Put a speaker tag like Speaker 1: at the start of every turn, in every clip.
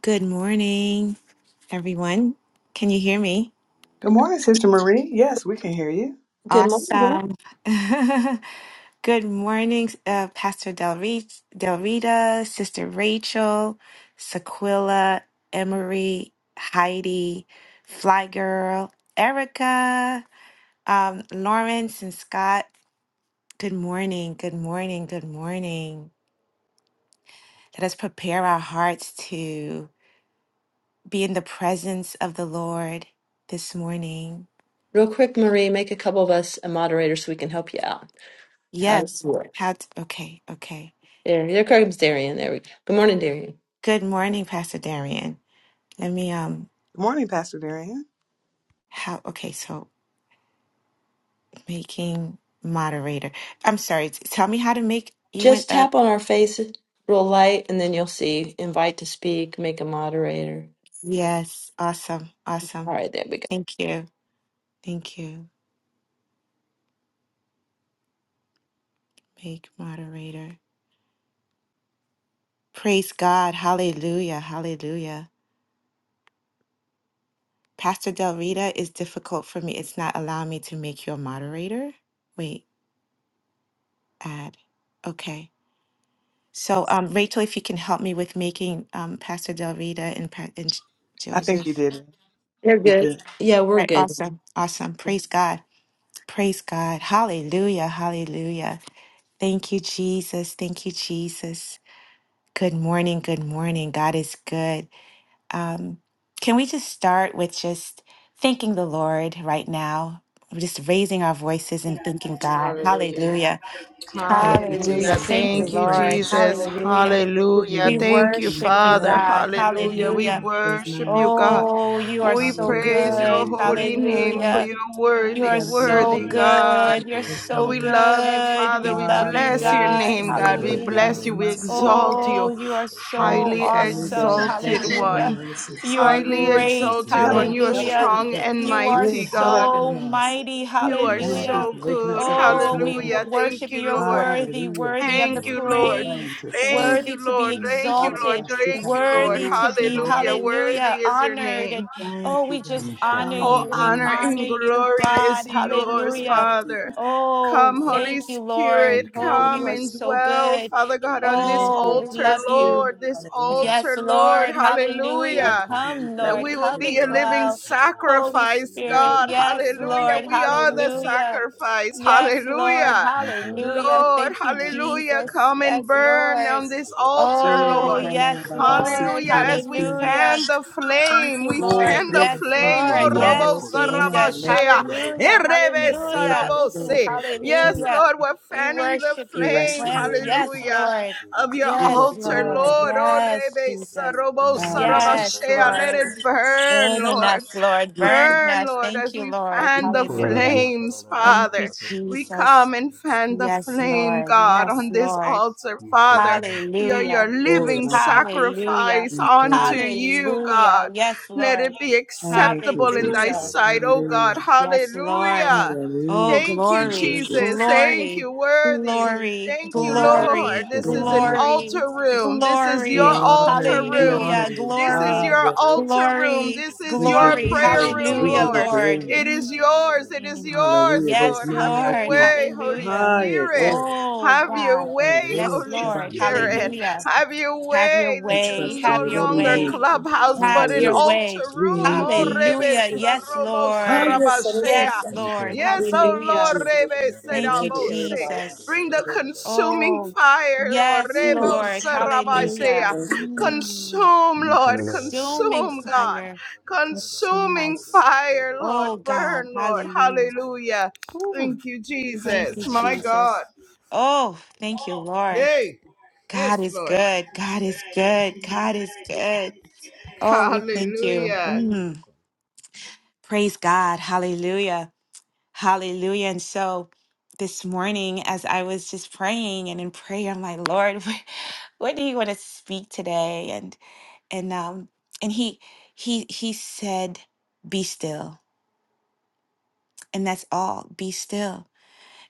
Speaker 1: Good morning, everyone. Can you hear me?
Speaker 2: Good morning, Sister Marie. Yes, we can hear you.
Speaker 3: Good morning.
Speaker 1: Awesome. Good morning, uh, Pastor Del, Re- Del Rita, Sister Rachel, Sequilla, Emery, Heidi, Fly Girl, Erica, um, Lawrence, and Scott. Good morning. Good morning. Good morning. Let us prepare our hearts to be in the presence of the Lord this morning.
Speaker 3: Real quick, Marie, make a couple of us a moderator so we can help you out. How does
Speaker 1: Yes.
Speaker 3: it work?
Speaker 1: How t okay, okay.
Speaker 3: There, there comes Darian. There we go. Good morning, Darian.
Speaker 1: Good morning, Pastor Darian. Let me um
Speaker 2: Good morning, Pastor Darian.
Speaker 1: how okay, so making moderator. I'm sorry, t- tell me how to make you went
Speaker 3: Just tap
Speaker 1: up.
Speaker 3: on our face real light, and then you'll see invite to speak, make a moderator.
Speaker 1: Yes, awesome,
Speaker 3: All
Speaker 1: awesome.
Speaker 3: right, there we go.
Speaker 1: Thank you. Thank you. Make moderator. Praise God. Hallelujah. Hallelujah. Pastor Del Rita is difficult for me. It's not allowing me to make you a moderator. Wait, add. Okay. So, um, Rachel, if you can help me with making um, Pastor Del Rita and, Pa- and J-
Speaker 2: I think you
Speaker 1: Joseph.
Speaker 2: did it.
Speaker 3: You're
Speaker 2: You
Speaker 3: good.
Speaker 2: did.
Speaker 3: Yeah, we're
Speaker 1: Right.
Speaker 3: good.
Speaker 1: Awesome. Awesome. Praise God. Praise God. Hallelujah. Hallelujah. Thank you, Jesus. Thank you, Jesus. Good morning. Good morning. God is good. Um, can we just start with just thanking the Lord right now? We're Just raising our voices and thanking God.
Speaker 4: Hallelujah.
Speaker 1: Hallelujah.
Speaker 2: Thank you,
Speaker 4: Hallelujah.
Speaker 1: Hallelujah.
Speaker 2: Jesus.
Speaker 1: Thank
Speaker 2: We give
Speaker 1: you,
Speaker 2: you
Speaker 4: Thank you,
Speaker 5: Hallelujah.
Speaker 1: Lord.
Speaker 2: praise.
Speaker 4: Jesus.
Speaker 5: Glory
Speaker 1: Hallelujah.
Speaker 5: to
Speaker 2: We
Speaker 5: God.
Speaker 2: give
Speaker 4: Hallelujah.
Speaker 1: We
Speaker 2: you honor.
Speaker 4: Thank
Speaker 2: We
Speaker 5: Hallelujah.
Speaker 4: you,
Speaker 2: give you
Speaker 1: worship you,
Speaker 5: Glory
Speaker 4: Father.
Speaker 2: glory.
Speaker 5: to your
Speaker 1: God.
Speaker 5: name.
Speaker 4: Hallelujah. We
Speaker 1: Hallelujah.
Speaker 2: Hallelujah. There's
Speaker 4: worship
Speaker 2: none
Speaker 4: you,
Speaker 2: like you.
Speaker 4: God.
Speaker 1: Oh,
Speaker 5: Glory
Speaker 1: you are
Speaker 5: to
Speaker 4: We
Speaker 1: so
Speaker 5: you.
Speaker 2: Hallelujah.
Speaker 4: praise your
Speaker 1: good.
Speaker 5: Praise your
Speaker 4: holy
Speaker 5: name,
Speaker 4: name for
Speaker 1: Hallelujah.
Speaker 5: Father.
Speaker 4: your
Speaker 1: You
Speaker 4: worthy,
Speaker 1: are so
Speaker 4: worthy
Speaker 5: Iki ando
Speaker 4: God.
Speaker 1: good. You're
Speaker 5: kola la la
Speaker 1: so
Speaker 4: We
Speaker 5: la la la
Speaker 4: love
Speaker 5: la
Speaker 4: you,
Speaker 5: la la.
Speaker 1: good.
Speaker 4: Father.
Speaker 1: We
Speaker 4: We
Speaker 5: Ita la
Speaker 1: love
Speaker 5: la
Speaker 1: you,
Speaker 5: la la.
Speaker 4: bless your
Speaker 1: God.
Speaker 4: name, God. We
Speaker 5: Bless your
Speaker 1: Hallelujah.
Speaker 4: bless you. We
Speaker 5: name. Kola la
Speaker 4: exalt
Speaker 5: la la
Speaker 4: you.
Speaker 1: Oh, you are
Speaker 5: yando kola
Speaker 2: Thank
Speaker 5: la
Speaker 1: so
Speaker 5: la
Speaker 2: you
Speaker 4: Highly
Speaker 5: la
Speaker 2: for
Speaker 5: la
Speaker 2: a new
Speaker 5: yata
Speaker 2: day.
Speaker 5: la
Speaker 1: awesome.
Speaker 5: la la
Speaker 2: Thank
Speaker 5: la
Speaker 4: exalted
Speaker 2: you for new
Speaker 5: yata
Speaker 1: Hallelujah.
Speaker 5: la
Speaker 4: one.
Speaker 5: la.
Speaker 2: mercies.
Speaker 1: You are
Speaker 4: Highly
Speaker 2: Hallelujah.
Speaker 1: great.
Speaker 5: Ishiki
Speaker 4: exalted one. You
Speaker 5: ando
Speaker 4: are
Speaker 5: kola
Speaker 1: Hallelujah.
Speaker 5: la la
Speaker 4: strong and
Speaker 5: yata la
Speaker 1: You
Speaker 5: la la
Speaker 1: are
Speaker 4: mighty,
Speaker 5: yata la la la
Speaker 4: God.
Speaker 1: so
Speaker 5: yata.
Speaker 2: Hallelujah.
Speaker 1: mighty.
Speaker 4: You are
Speaker 5: Your
Speaker 2: Thank you
Speaker 5: mighty
Speaker 1: Hallelujah.
Speaker 4: so
Speaker 2: for waking
Speaker 5: Father,
Speaker 4: good.
Speaker 2: us up
Speaker 5: thank
Speaker 2: this
Speaker 5: you,
Speaker 1: Oh, we w-
Speaker 2: morning.
Speaker 5: Lord,
Speaker 4: Hallelujah.
Speaker 5: for
Speaker 4: Thank
Speaker 1: worship
Speaker 5: your
Speaker 1: you.
Speaker 4: you,
Speaker 1: You're
Speaker 4: Lord.
Speaker 5: mercy.
Speaker 1: worthy,
Speaker 2: Hallelujah.
Speaker 1: worthy
Speaker 2: Thank
Speaker 1: of
Speaker 5: Your
Speaker 2: you
Speaker 1: the
Speaker 4: Thank you,
Speaker 2: for
Speaker 5: mercies are
Speaker 4: Lord.
Speaker 5: new
Speaker 1: praise,
Speaker 2: mind
Speaker 5: every
Speaker 2: to
Speaker 5: morning.
Speaker 2: serve.
Speaker 4: Thank you,
Speaker 1: worthy to be
Speaker 4: Lord. Thank you,
Speaker 2: Father,
Speaker 4: Lord.
Speaker 1: exalted,
Speaker 2: I seek
Speaker 4: Thank
Speaker 2: out
Speaker 4: you,
Speaker 2: for the
Speaker 4: Lord.
Speaker 1: worthy
Speaker 2: Lord,
Speaker 1: to
Speaker 2: so
Speaker 1: be,
Speaker 2: my mama
Speaker 4: Hallelujah.
Speaker 2: will see.
Speaker 4: Worthy
Speaker 1: hallelujah,
Speaker 4: is your
Speaker 1: honored.
Speaker 4: name.
Speaker 1: And oh,
Speaker 2: Thank you,
Speaker 1: we
Speaker 2: God.
Speaker 1: just honor
Speaker 4: All
Speaker 5: Ishakaya
Speaker 1: you.
Speaker 5: la la
Speaker 1: We
Speaker 5: la
Speaker 2: Hallelujah.
Speaker 5: la
Speaker 4: honor
Speaker 5: ya
Speaker 1: honor
Speaker 4: and
Speaker 5: ta la la
Speaker 1: you,
Speaker 5: la
Speaker 4: glory
Speaker 5: ya ta
Speaker 4: is
Speaker 1: God.
Speaker 5: la la la la
Speaker 2: Hallelujah.
Speaker 4: yours,
Speaker 2: What my
Speaker 1: Hallelujah.
Speaker 2: we
Speaker 4: Father.
Speaker 2: got?
Speaker 5: la la la
Speaker 1: Oh,
Speaker 2: We
Speaker 4: Come,
Speaker 2: love
Speaker 4: Holy
Speaker 1: thank you,
Speaker 2: you.
Speaker 1: Lord.
Speaker 4: Spirit,
Speaker 2: Thank you,
Speaker 1: Oh,
Speaker 4: come
Speaker 1: you are
Speaker 2: Holy
Speaker 4: and
Speaker 1: so
Speaker 2: Spirit.
Speaker 4: dwell,
Speaker 1: good.
Speaker 4: Father God, on this
Speaker 2: Thank you,
Speaker 1: Oh, we
Speaker 4: altar,
Speaker 2: Holy
Speaker 1: love
Speaker 2: Spirit.
Speaker 4: Lord,
Speaker 1: you.
Speaker 4: this
Speaker 2: Hallelujah.
Speaker 1: Yes,
Speaker 4: altar, Lord.
Speaker 1: Lord.
Speaker 2: Oh, we
Speaker 1: Hallelujah.
Speaker 2: just
Speaker 4: Hallelujah.
Speaker 2: give you
Speaker 1: Come,
Speaker 4: That
Speaker 2: praise.
Speaker 1: Lord.
Speaker 4: we will
Speaker 2: We
Speaker 1: Come
Speaker 2: give
Speaker 4: be
Speaker 1: and
Speaker 2: you
Speaker 4: a
Speaker 2: honor.
Speaker 4: living
Speaker 1: dwell. Holy
Speaker 4: sacrifice,
Speaker 2: We give
Speaker 1: Spirit.
Speaker 4: God.
Speaker 2: you
Speaker 1: Yes,
Speaker 4: Hallelujah.
Speaker 2: yes.
Speaker 1: Lord.
Speaker 4: We are
Speaker 5: la la la
Speaker 4: the
Speaker 5: la
Speaker 2: Hallelujah.
Speaker 5: la
Speaker 1: Hallelujah.
Speaker 5: la
Speaker 4: sacrifice.
Speaker 5: la la
Speaker 1: Yes,
Speaker 5: la.
Speaker 2: Oh,
Speaker 1: Lord.
Speaker 4: Hallelujah.
Speaker 5: Yada
Speaker 1: Hallelujah.
Speaker 4: Lord,
Speaker 1: Thank you,
Speaker 2: my
Speaker 4: hallelujah.
Speaker 2: God.
Speaker 1: Jesus.
Speaker 4: Come and
Speaker 1: Yes,
Speaker 4: burn
Speaker 1: Lord.
Speaker 4: on this
Speaker 2: You
Speaker 4: altar,
Speaker 2: don't know
Speaker 1: Oh,
Speaker 2: my
Speaker 4: Lord.
Speaker 2: mama,
Speaker 1: yes,
Speaker 2: Baba. Seek
Speaker 1: Lord.
Speaker 4: Hallelujah. As we
Speaker 2: you.
Speaker 1: Hallelujah.
Speaker 4: fan the
Speaker 1: Thank
Speaker 4: flame,
Speaker 1: you,
Speaker 4: we
Speaker 2: Glory,
Speaker 1: Lord.
Speaker 4: fan the
Speaker 2: glory,
Speaker 1: Yes,
Speaker 2: glory.
Speaker 4: flame. Oh,
Speaker 1: Lord.
Speaker 2: Father,
Speaker 4: robo
Speaker 2: Lord,
Speaker 1: Yes,
Speaker 2: so don't know my
Speaker 1: Jesus.
Speaker 2: name,
Speaker 4: sarabashea.
Speaker 2: we
Speaker 1: Hallelujah.
Speaker 4: Erebe
Speaker 2: are
Speaker 1: Hallelujah.
Speaker 2: by show the
Speaker 1: Ooh,
Speaker 4: sarabose. Yes,
Speaker 1: hallelujah.
Speaker 4: Lord, we're
Speaker 1: We
Speaker 4: fanning the
Speaker 1: worship
Speaker 2: We
Speaker 1: you.
Speaker 2: rest
Speaker 4: flame.
Speaker 2: in
Speaker 1: Lamb.
Speaker 2: your love,
Speaker 1: Yes,
Speaker 2: God.
Speaker 4: Hallelujah.
Speaker 1: Lord.
Speaker 4: Of your
Speaker 2: We
Speaker 1: Yes,
Speaker 2: rest in
Speaker 4: altar,
Speaker 2: your
Speaker 1: Lord.
Speaker 2: abundance.
Speaker 4: Lord. Oh,
Speaker 1: Yes,
Speaker 4: rebe
Speaker 1: Jesus.
Speaker 4: sarobo
Speaker 2: Ah, we
Speaker 1: Yes,
Speaker 2: trust you, Lord.
Speaker 4: sarabashea. Let
Speaker 1: Lord.
Speaker 4: it burn,
Speaker 1: Burn in
Speaker 4: Lord.
Speaker 1: us, Lord.
Speaker 2: We trust
Speaker 1: Burn in
Speaker 4: Burn,
Speaker 1: us.
Speaker 4: Lord,
Speaker 1: Thank
Speaker 4: as
Speaker 1: you,
Speaker 4: we
Speaker 1: Lord.
Speaker 2: you,
Speaker 4: fan the
Speaker 1: Hallelujah.
Speaker 4: flames,
Speaker 1: Thank you,
Speaker 4: Father. We
Speaker 1: Jesus.
Speaker 4: come and fan the
Speaker 1: Yes,
Speaker 4: flame,
Speaker 1: Lord.
Speaker 4: God,
Speaker 1: Yes,
Speaker 4: on this
Speaker 1: Lord.
Speaker 4: altar, Father. We are
Speaker 1: Hallelujah.
Speaker 4: your
Speaker 2: glory and
Speaker 4: living
Speaker 2: honor
Speaker 1: Hallelujah.
Speaker 4: sacrifice
Speaker 2: and
Speaker 4: unto
Speaker 2: praise.
Speaker 4: you,
Speaker 1: Hallelujah.
Speaker 4: God.
Speaker 1: Yes,
Speaker 4: Let
Speaker 1: Lord.
Speaker 4: it be
Speaker 2: Thank you,
Speaker 4: acceptable in
Speaker 2: Jesus.
Speaker 4: thy
Speaker 1: Hallelujah.
Speaker 4: sight, oh God.
Speaker 2: Hallelujah.
Speaker 1: Yes, Lord.
Speaker 4: Hallelujah.
Speaker 1: Oh,
Speaker 2: Hallelujah.
Speaker 4: Thank you,
Speaker 2: Thank you,
Speaker 1: glory,
Speaker 4: Jesus.
Speaker 2: Jesus.
Speaker 4: Thank
Speaker 1: glory,
Speaker 4: you, worthy.
Speaker 1: glory,
Speaker 4: Thank
Speaker 2: We
Speaker 4: you,
Speaker 2: honor you.
Speaker 4: Lord.
Speaker 1: glory,
Speaker 4: This
Speaker 2: We
Speaker 4: is an
Speaker 2: honor you.
Speaker 1: glory,
Speaker 4: altar room. This is
Speaker 2: We
Speaker 4: your
Speaker 1: glory.
Speaker 2: honor
Speaker 4: altar
Speaker 2: you. We
Speaker 4: room.
Speaker 2: honor
Speaker 1: Hallelujah.
Speaker 2: you.
Speaker 4: This is
Speaker 2: Ah,
Speaker 1: Glory,
Speaker 4: your
Speaker 2: yeah,
Speaker 4: altar room.
Speaker 1: glory,
Speaker 4: This is
Speaker 2: We
Speaker 4: your
Speaker 2: give you
Speaker 1: glory.
Speaker 4: prayer
Speaker 2: praise.
Speaker 4: room,
Speaker 2: We
Speaker 1: Hallelujah,
Speaker 2: give you
Speaker 4: Lord.
Speaker 1: Lord.
Speaker 2: glory.
Speaker 4: It is yours. It is
Speaker 1: Mm.
Speaker 4: yours,
Speaker 2: Hallelujah. There's
Speaker 1: Yes,
Speaker 4: Lord. Have
Speaker 2: none like
Speaker 4: your
Speaker 1: Lord.
Speaker 2: you.
Speaker 4: way, Holy
Speaker 1: Hallelujah.
Speaker 2: Hallelujah.
Speaker 4: Spirit.
Speaker 2: Glory.
Speaker 1: Oh,
Speaker 4: Have your
Speaker 1: God.
Speaker 4: way,
Speaker 2: Hallelujah.
Speaker 1: Yes,
Speaker 4: Holy
Speaker 2: Shabbat.
Speaker 1: Lord.
Speaker 5: Yikara
Speaker 2: Shalom.
Speaker 4: Spirit.
Speaker 1: Hallelujah.
Speaker 4: Have your
Speaker 1: Have your
Speaker 4: way.
Speaker 2: We
Speaker 4: This is
Speaker 1: way.
Speaker 2: trust in
Speaker 4: no
Speaker 1: Have
Speaker 2: you.
Speaker 1: your
Speaker 2: Lord, we
Speaker 4: longer
Speaker 2: need
Speaker 1: way.
Speaker 2: you.
Speaker 4: clubhouse,
Speaker 1: Have
Speaker 4: but an
Speaker 1: your
Speaker 2: Hallelujah.
Speaker 4: altar
Speaker 1: way.
Speaker 2: We
Speaker 4: room.
Speaker 2: need
Speaker 4: Oh,
Speaker 2: you, Holy
Speaker 4: Rebe
Speaker 1: Hallelujah.
Speaker 2: Spirit.
Speaker 1: Yes,
Speaker 4: Sarobo
Speaker 1: Lord.
Speaker 2: Hallelujah. Lord,
Speaker 4: Sarabashea.
Speaker 1: Yes, Lord.
Speaker 4: Yes,
Speaker 2: We need
Speaker 4: oh
Speaker 1: Hallelujah.
Speaker 4: Lord,
Speaker 2: you, Holy
Speaker 4: Rebe
Speaker 2: Spirit,
Speaker 1: Thank
Speaker 2: in
Speaker 1: you,
Speaker 2: every area of
Speaker 4: Serabose.
Speaker 2: our
Speaker 1: Jesus.
Speaker 2: lives.
Speaker 4: Bring the consuming
Speaker 1: Oh,
Speaker 4: fire, Lord.
Speaker 1: yes,
Speaker 2: Hallelujah.
Speaker 4: Rebo
Speaker 1: Lord.
Speaker 2: Thank you.
Speaker 1: Hallelujah.
Speaker 4: Sarabashea.
Speaker 2: Thank you. Thank you.
Speaker 1: Mm.
Speaker 4: Consume, Lord.
Speaker 1: Consuming
Speaker 4: Consume, God.
Speaker 1: fire. Consume
Speaker 4: Consuming
Speaker 1: us.
Speaker 4: fire, Lord.
Speaker 1: Oh, God.
Speaker 4: Burn, Lord.
Speaker 1: Hallelujah.
Speaker 4: Hallelujah.
Speaker 1: Ooh,
Speaker 4: Thank you,
Speaker 1: thank
Speaker 4: Jesus.
Speaker 1: you,
Speaker 4: My God.
Speaker 1: Jesus. Oh, thank you, Lord.
Speaker 4: Hey,
Speaker 1: God
Speaker 4: yes,
Speaker 1: is
Speaker 4: Lord.
Speaker 1: good. God is good. God is good. Oh, we thank you.
Speaker 4: Hallelujah.
Speaker 1: Mm, praise God. Hallelujah. Hallelujah. And so this morning, as I was just praying and in prayer, I'm like, Lord, what, what do you want to speak today? And and um and he he he said, Be still. And that's all. Be still.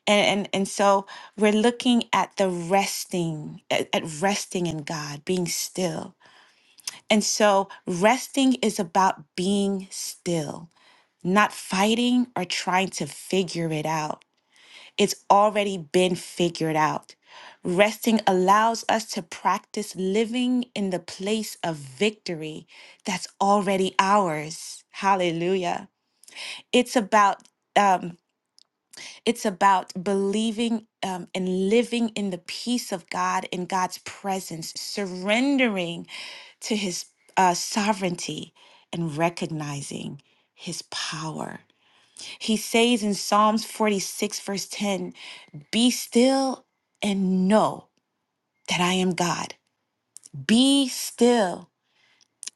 Speaker 1: And, and and so we're looking at the resting, at, at resting in God, being still. And so resting is about being still not fighting or trying to figure it out. It's already been figured out. Resting allows us to practice living in the place of victory that's already ours. Hallelujah. It's about um, it's about believing um, and living in the peace of God in God's presence, surrendering to His uh, sovereignty and recognizing His power. He says in Psalms 46, verse 10, Be still and know that I am God. Be still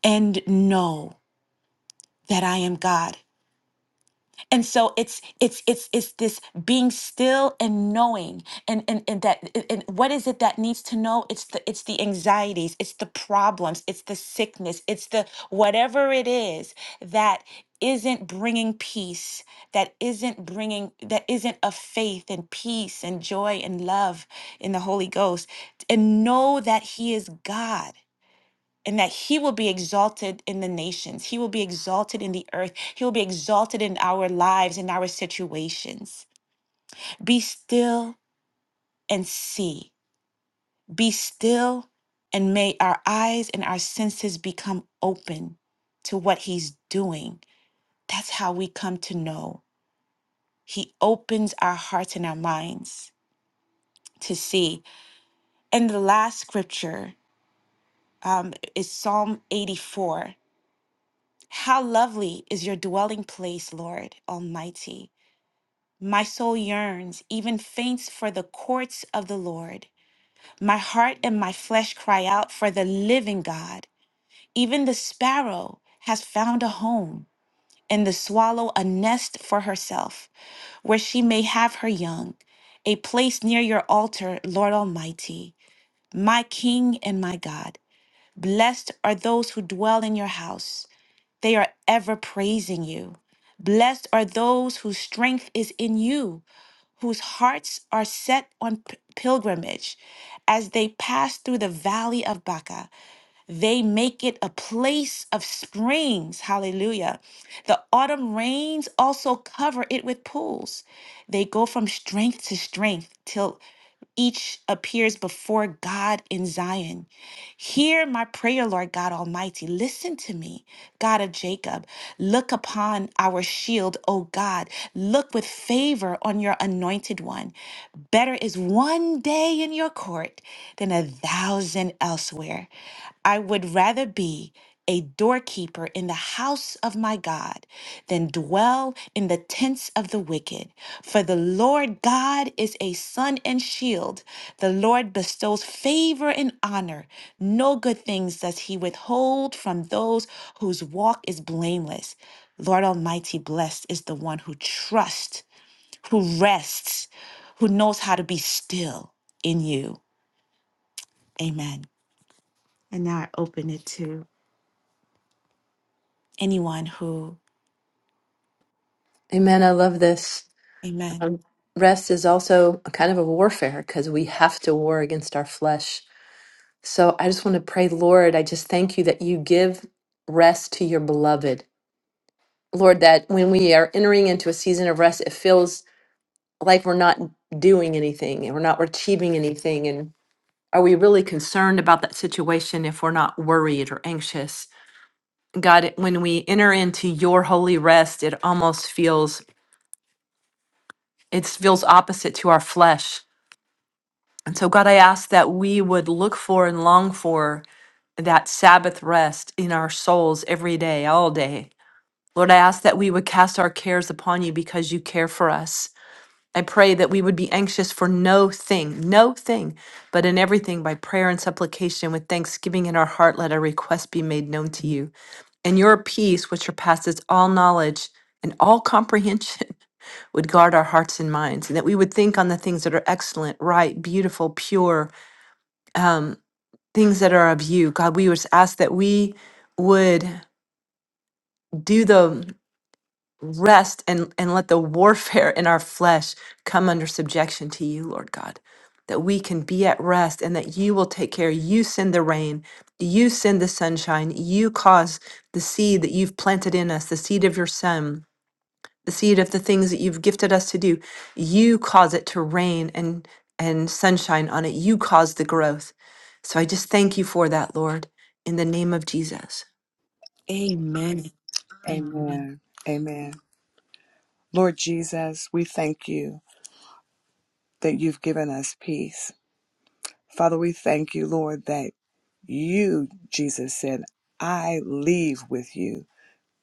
Speaker 1: and know that I am God. and so it's it's it's it's this being still and knowing and and, and that and and what is it that needs to know it's the it's the anxieties it's the problems it's the sickness it's the whatever it is that isn't bringing peace that isn't bringing that isn't of faith and peace and joy and love in the holy ghost and know that he is god and that he will be exalted in the nations. He will be exalted in the earth. He will be exalted in our lives, in our situations. Be still and see. Be still and may our eyes and our senses become open to what he's doing. That's how we come to know. He opens our hearts and our minds to see. And the last scripture um, is Psalm 84. How lovely is your dwelling place, Lord Almighty. My soul yearns, even faints for the courts of the Lord. My heart and my flesh cry out for the living God. Even the sparrow has found a home, and the swallow a nest for herself, where she may have her young, a place near your altar, Lord Almighty, my King and my God. Blessed are those who dwell in your house, they are ever praising you. Blessed are those whose strength is in you whose hearts are set on p- pilgrimage. As they pass through the valley of Baca, they make it a place of springs. Hallelujah. The autumn rains also cover it with pools. They go from strength to strength till each appears before God in Zion. Hear my prayer, Lord God Almighty. Listen to me, God of Jacob. Look upon our shield, O God. Look with favor on your anointed one. Better is one day in your court than a thousand elsewhere. I would rather be a doorkeeper in the house of my God than dwell in the tents of the wicked. For the Lord God is a sun and shield. The Lord bestows favor and honor. No good things does he withhold from those whose walk is blameless. Lord Almighty, blessed is the one who trusts who rests, who knows how to be still in you. Amen. And you. And you.
Speaker 3: Amen. I love this.
Speaker 1: Amen.
Speaker 3: Um, rest is also a kind of a warfare because we have to war against our flesh. So I just want to pray, Lord, I just thank you that you give rest to your beloved. Lord, that when we are entering into a season of rest, it feels like we're not doing anything and we're not achieving anything. And are we really concerned about that situation if we're not worried or anxious? God, it- when we enter into your holy rest, it almost feels it feels opposite to our flesh. And so God, I ask that we would look for and long for that Sabbath rest in our souls every day, all day. Lord, I ask that we would cast our cares upon you because you care for us. I pray that we would be anxious for no thing, no thing, but in everything by prayer and supplication with thanksgiving in our heart, let our request be made known to you. And your peace, which surpasses all knowledge and all comprehension, would guard our hearts and minds, and that we would think on the things that are excellent, right, beautiful, pure, um, things that are of you. God, we would ask that we would do the. rest and, and let the warfare in our flesh come under subjection to you, Lord God, that we can be at rest and that you will take care. You send the rain, you send the sunshine, you cause the seed that you've planted in us, the seed of your son, the seed of the things that you've gifted us to do. You cause it to rain and and sunshine on it. You cause the growth. So I just thank you for that, Lord, in the name of Jesus.
Speaker 1: Amen. Amen.
Speaker 2: Amen. Amen. Lord Jesus, we thank you that you've given us peace. Father, we thank you, Lord, that You, Jesus said, I leave with you.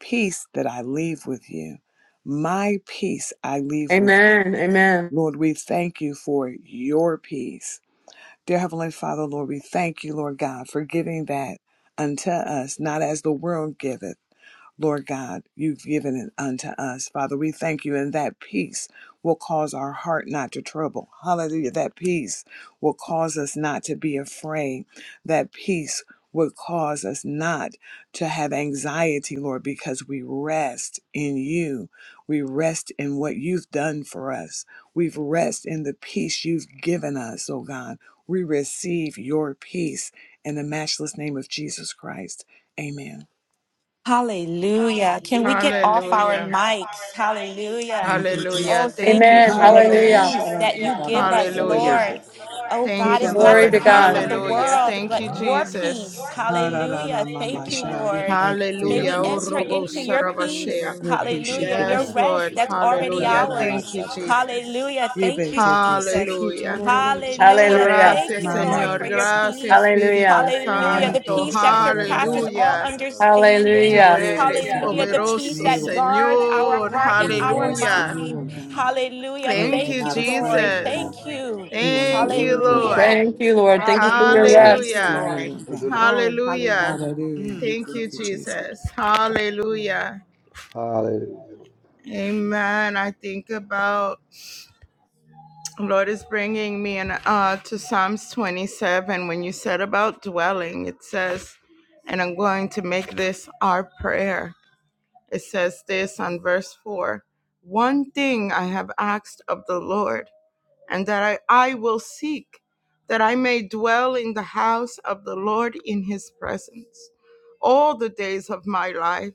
Speaker 2: Peace that I leave with you. My peace I leave with
Speaker 3: Amen. Amen.
Speaker 2: you. Lord, we thank you for your peace. Dear Heavenly Father, Lord, we thank you, Lord God, for giving that unto us, not as the world giveth. Lord God, you've given it unto us. Father, we thank you, and that peace will cause our heart not to trouble. Hallelujah. That peace will cause us not to be afraid. That peace will cause us not to have anxiety, Lord, because we rest in you. We rest in what you've done for us. We rest in the peace you've given us, oh God. We receive your peace in the matchless name of Jesus Christ. Amen.
Speaker 1: Hallelujah. Can we get off our
Speaker 4: Hallelujah. Hallelujah.
Speaker 1: mics? Hallelujah.
Speaker 2: Thank you, Jesus.
Speaker 1: Oh,
Speaker 4: Hallelujah. Thank
Speaker 1: thank you
Speaker 4: you,
Speaker 3: Amen.
Speaker 1: for the
Speaker 4: Jesus.
Speaker 2: Adaroro
Speaker 3: Hallelujah.
Speaker 1: peace that you
Speaker 2: sharararaba
Speaker 1: give us, Lord.
Speaker 2: sarararete.
Speaker 4: Hallelujah.
Speaker 1: Oh, God,
Speaker 4: Thank you,
Speaker 1: it's
Speaker 2: Ibaba
Speaker 1: not the
Speaker 3: Glory
Speaker 4: Lord.
Speaker 3: to
Speaker 2: mama
Speaker 1: peace
Speaker 2: mama
Speaker 1: of
Speaker 3: God.
Speaker 1: the
Speaker 2: mama
Speaker 4: Hallelujah.
Speaker 1: world,
Speaker 4: Thank
Speaker 2: sataya.
Speaker 4: you,
Speaker 1: but your
Speaker 4: Jesus.
Speaker 1: peace.
Speaker 5: Hallelujah.
Speaker 2: Ararara
Speaker 1: Hallelujah.
Speaker 2: mama
Speaker 1: Thank you,
Speaker 2: sha. We
Speaker 1: Lord.
Speaker 2: thank you for
Speaker 1: May
Speaker 2: your
Speaker 1: we
Speaker 4: Hallelujah. Oh,
Speaker 2: peace,
Speaker 1: enter
Speaker 2: God.
Speaker 4: Robo
Speaker 1: into your
Speaker 4: Sarabashea.
Speaker 1: peace.
Speaker 2: Your peace you've
Speaker 1: Hallelujah.
Speaker 2: given
Speaker 1: Your
Speaker 4: Yes,
Speaker 2: us,
Speaker 1: rest
Speaker 4: Lord.
Speaker 2: Jesus.
Speaker 1: that's already
Speaker 4: Hallelujah.
Speaker 2: Adararaba
Speaker 4: Thank
Speaker 1: ours.
Speaker 4: you,
Speaker 2: sata.
Speaker 4: Jesus.
Speaker 1: Hallelujah. Thank you,
Speaker 2: Ibetete
Speaker 1: Jesus.
Speaker 2: seki
Speaker 4: Hallelujah.
Speaker 2: torororo sha.
Speaker 1: Hallelujah.
Speaker 3: Hallelujah.
Speaker 1: Thank
Speaker 4: Gracias,
Speaker 1: you,
Speaker 2: Mama
Speaker 1: Lord,
Speaker 4: Señor.
Speaker 1: for
Speaker 2: mama
Speaker 1: your
Speaker 2: sa.
Speaker 4: Gracias,
Speaker 1: peace.
Speaker 4: Espíritu
Speaker 3: Hallelujah.
Speaker 1: Hallelujah. The
Speaker 2: Araro
Speaker 4: Santo.
Speaker 1: peace that surpasses all
Speaker 2: shararararaba
Speaker 4: Aleluya.
Speaker 2: sa.
Speaker 1: understanding.
Speaker 4: Tú
Speaker 3: Hallelujah.
Speaker 2: Glory
Speaker 4: eres
Speaker 2: to God. We
Speaker 1: Hallelujah. The
Speaker 2: rest in
Speaker 1: peace
Speaker 4: poderoso,
Speaker 2: you, Lord
Speaker 1: that
Speaker 2: God.
Speaker 1: guards our
Speaker 4: Señor.
Speaker 1: heart
Speaker 2: We
Speaker 1: and
Speaker 2: will
Speaker 1: our
Speaker 2: rest in
Speaker 4: Hallelujah.
Speaker 2: you,
Speaker 1: mind.
Speaker 2: Lord God.
Speaker 1: Hallelujah.
Speaker 2: Lord,
Speaker 4: Thank
Speaker 2: we're
Speaker 4: you,
Speaker 1: Thank you,
Speaker 2: not
Speaker 1: Lord.
Speaker 2: afraid,
Speaker 4: Jesus.
Speaker 2: God.
Speaker 1: Thank you.
Speaker 2: We will not
Speaker 4: Thank you,
Speaker 2: worry.
Speaker 4: Lord.
Speaker 1: Hallelujah.
Speaker 3: Thank you, Lord. Thank you for
Speaker 2: We
Speaker 3: your
Speaker 1: Hallelujah. Thank
Speaker 2: trust
Speaker 1: you,
Speaker 3: rest.
Speaker 2: in
Speaker 4: Hallelujah.
Speaker 2: you,
Speaker 1: Lord.
Speaker 2: Lord God.
Speaker 1: Oh,
Speaker 4: Hallelujah.
Speaker 1: hallelujah.
Speaker 2: Hallelujah. We
Speaker 1: Mm.
Speaker 4: Thank
Speaker 2: thank
Speaker 4: you,
Speaker 2: you, Jesus.
Speaker 4: Jesus. Hallelujah. Amen. I think about Lord is bringing me in uh, to Psalms 27. When you said about dwelling, it says, and I'm going to make this our prayer. It says this on verse 4 One thing I have asked of the Lord and that I, I will seek that I may dwell in the house of the Lord in his presence all the days of my life,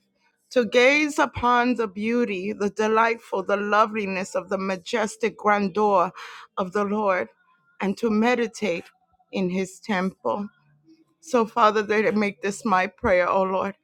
Speaker 4: to gaze upon the beauty, the delightful, the loveliness of the majestic grandeur of the Lord, and to meditate in his temple. So, Father, they make this my prayer, O Lord.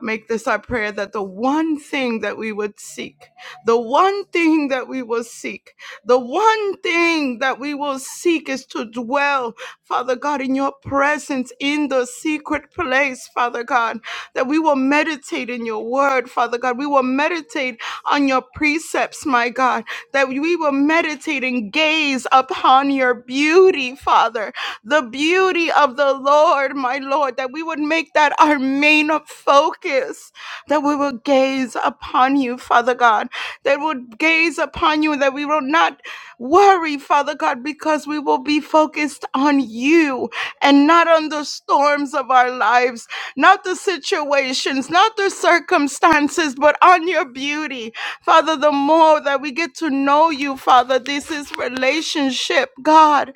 Speaker 4: Make this our prayer that the one thing that we would seek, the one thing that we will seek, the one thing that we will seek is to dwell, Father God, in your presence in the secret place, Father God, that we will meditate in your word, Father God. We will meditate on your precepts, my God, that we will meditate and gaze upon your beauty, Father the beauty of the Lord, my Lord, that we would make that our main focus, that we will gaze upon you, Father God, that would gaze upon you, that we will not worry, Father God, because we will be focused on you and not on the storms of our lives, not the situations, not the circumstances, but on your beauty. Father, the more that we get to know you, Father, this is relationship, God,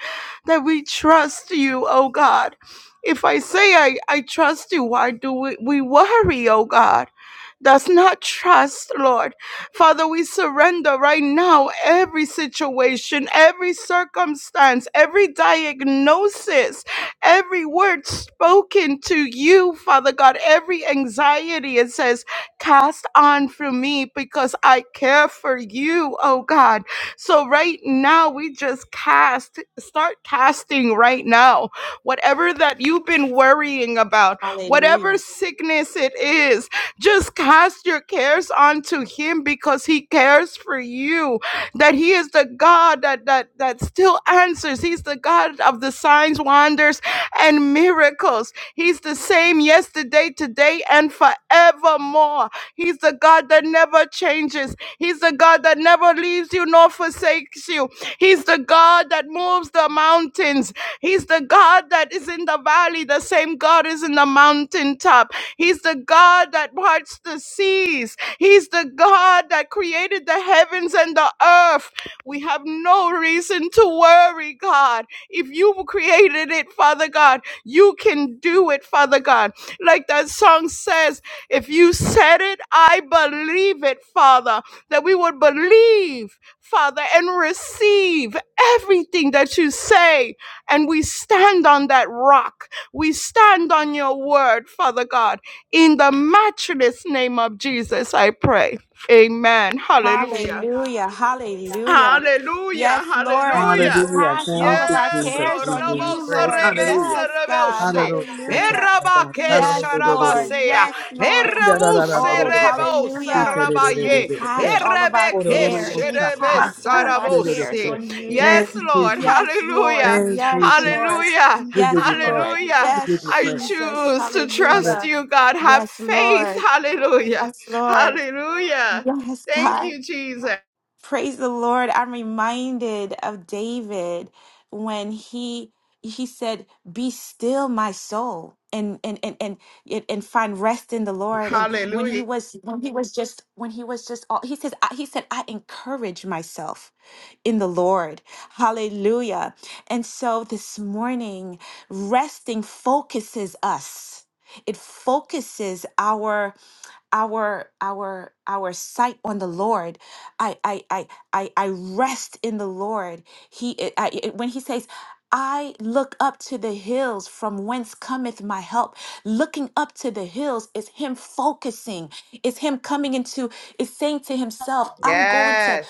Speaker 4: that we trust you, oh God. If I say I, I trust you, why do we, we worry, oh God? That's not trust, Lord. Father, we surrender right now every situation, every circumstance, every diagnosis every word spoken to you, Father God, every anxiety, it says, cast on from me because I care for you, oh God. So right now, we just cast, start casting right now, whatever that you've been worrying about, whatever
Speaker 1: Hallelujah.
Speaker 4: sickness it is, just cast your cares onto him because he cares for you that he is the God that that that still answers. He's the God of the signs, wonders, and miracles. He's the same yesterday, today, and forevermore. He's the God that never changes. He's the God that never leaves you nor forsakes you. He's the God that moves the mountains. He's the God that is in the valley. The same God is in the mountaintop. He's the God that parts the seas. He's the God that created the heavens and the earth. We have no reason to worry, God. If you created it, Father God, you can do it, Father God. Like that song says, if you said it, I believe it, Father, that we would believe, Father, and receive everything that you say. And we stand on that rock. We stand on your word, Father God. In the matchless name of Jesus, I pray. Amen. Hallelujah.
Speaker 1: Hallelujah. Hallelujah.
Speaker 4: Hallelujah.
Speaker 1: Yes, Lord. We
Speaker 4: Hallelujah.
Speaker 2: Hallelujah.
Speaker 1: cast all
Speaker 2: Thank
Speaker 1: of
Speaker 2: you,
Speaker 1: our
Speaker 4: Yes,
Speaker 2: Jesus.
Speaker 1: cares
Speaker 4: Lord.
Speaker 2: We
Speaker 1: on
Speaker 2: give you
Speaker 4: Robo
Speaker 1: you,
Speaker 2: praise.
Speaker 1: Lord.
Speaker 4: serebe
Speaker 2: Hallelujah.
Speaker 1: Yes, God.
Speaker 4: serebose.
Speaker 2: Hallelujah. Thank you,
Speaker 1: Hallelujah.
Speaker 2: Jesus.
Speaker 4: Erabake
Speaker 2: Thank
Speaker 1: Yes,
Speaker 2: you,
Speaker 1: Lord.
Speaker 2: Jesus.
Speaker 4: sharabasea.
Speaker 1: Yes, Lord.
Speaker 4: Erabu
Speaker 1: Oh,
Speaker 4: serebo
Speaker 1: hallelujah. We
Speaker 4: sarabaye.
Speaker 1: cast all of our
Speaker 4: Erebeke
Speaker 1: cares. We
Speaker 4: sherebe
Speaker 1: cast all of our cares
Speaker 4: sarabose.
Speaker 1: on you.
Speaker 4: Yes, Lord.
Speaker 1: Yes, Lord.
Speaker 4: Hallelujah.
Speaker 1: Yes, Lord.
Speaker 4: Hallelujah.
Speaker 2: We give
Speaker 1: Yes,
Speaker 2: you praise.
Speaker 1: Lord.
Speaker 4: Hallelujah.
Speaker 2: We give you
Speaker 1: Yes,
Speaker 4: I
Speaker 2: praise.
Speaker 1: Jesus.
Speaker 4: choose to
Speaker 2: Hallelujah.
Speaker 4: trust
Speaker 1: Hallelujah.
Speaker 4: you, God. Have
Speaker 1: Yes,
Speaker 4: faith.
Speaker 1: Lord.
Speaker 4: Hallelujah.
Speaker 1: Yes, Lord.
Speaker 4: Hallelujah.
Speaker 1: Yes,
Speaker 4: Thank
Speaker 1: God.
Speaker 4: you, Jesus.
Speaker 1: Praise the Lord. I'm reminded of David when he he said, "Be still, my soul." And, and and and and and find rest in the Lord. And when he
Speaker 4: Hallelujah.
Speaker 1: was when he was just when he was just all he says I- he said I encourage myself in the Lord. Hallelujah. And so this morning our our our sight on the lord i i i i, I rest in the lord he I, I- I- when he says i look up to the hills from whence help look it's to
Speaker 4: Yes.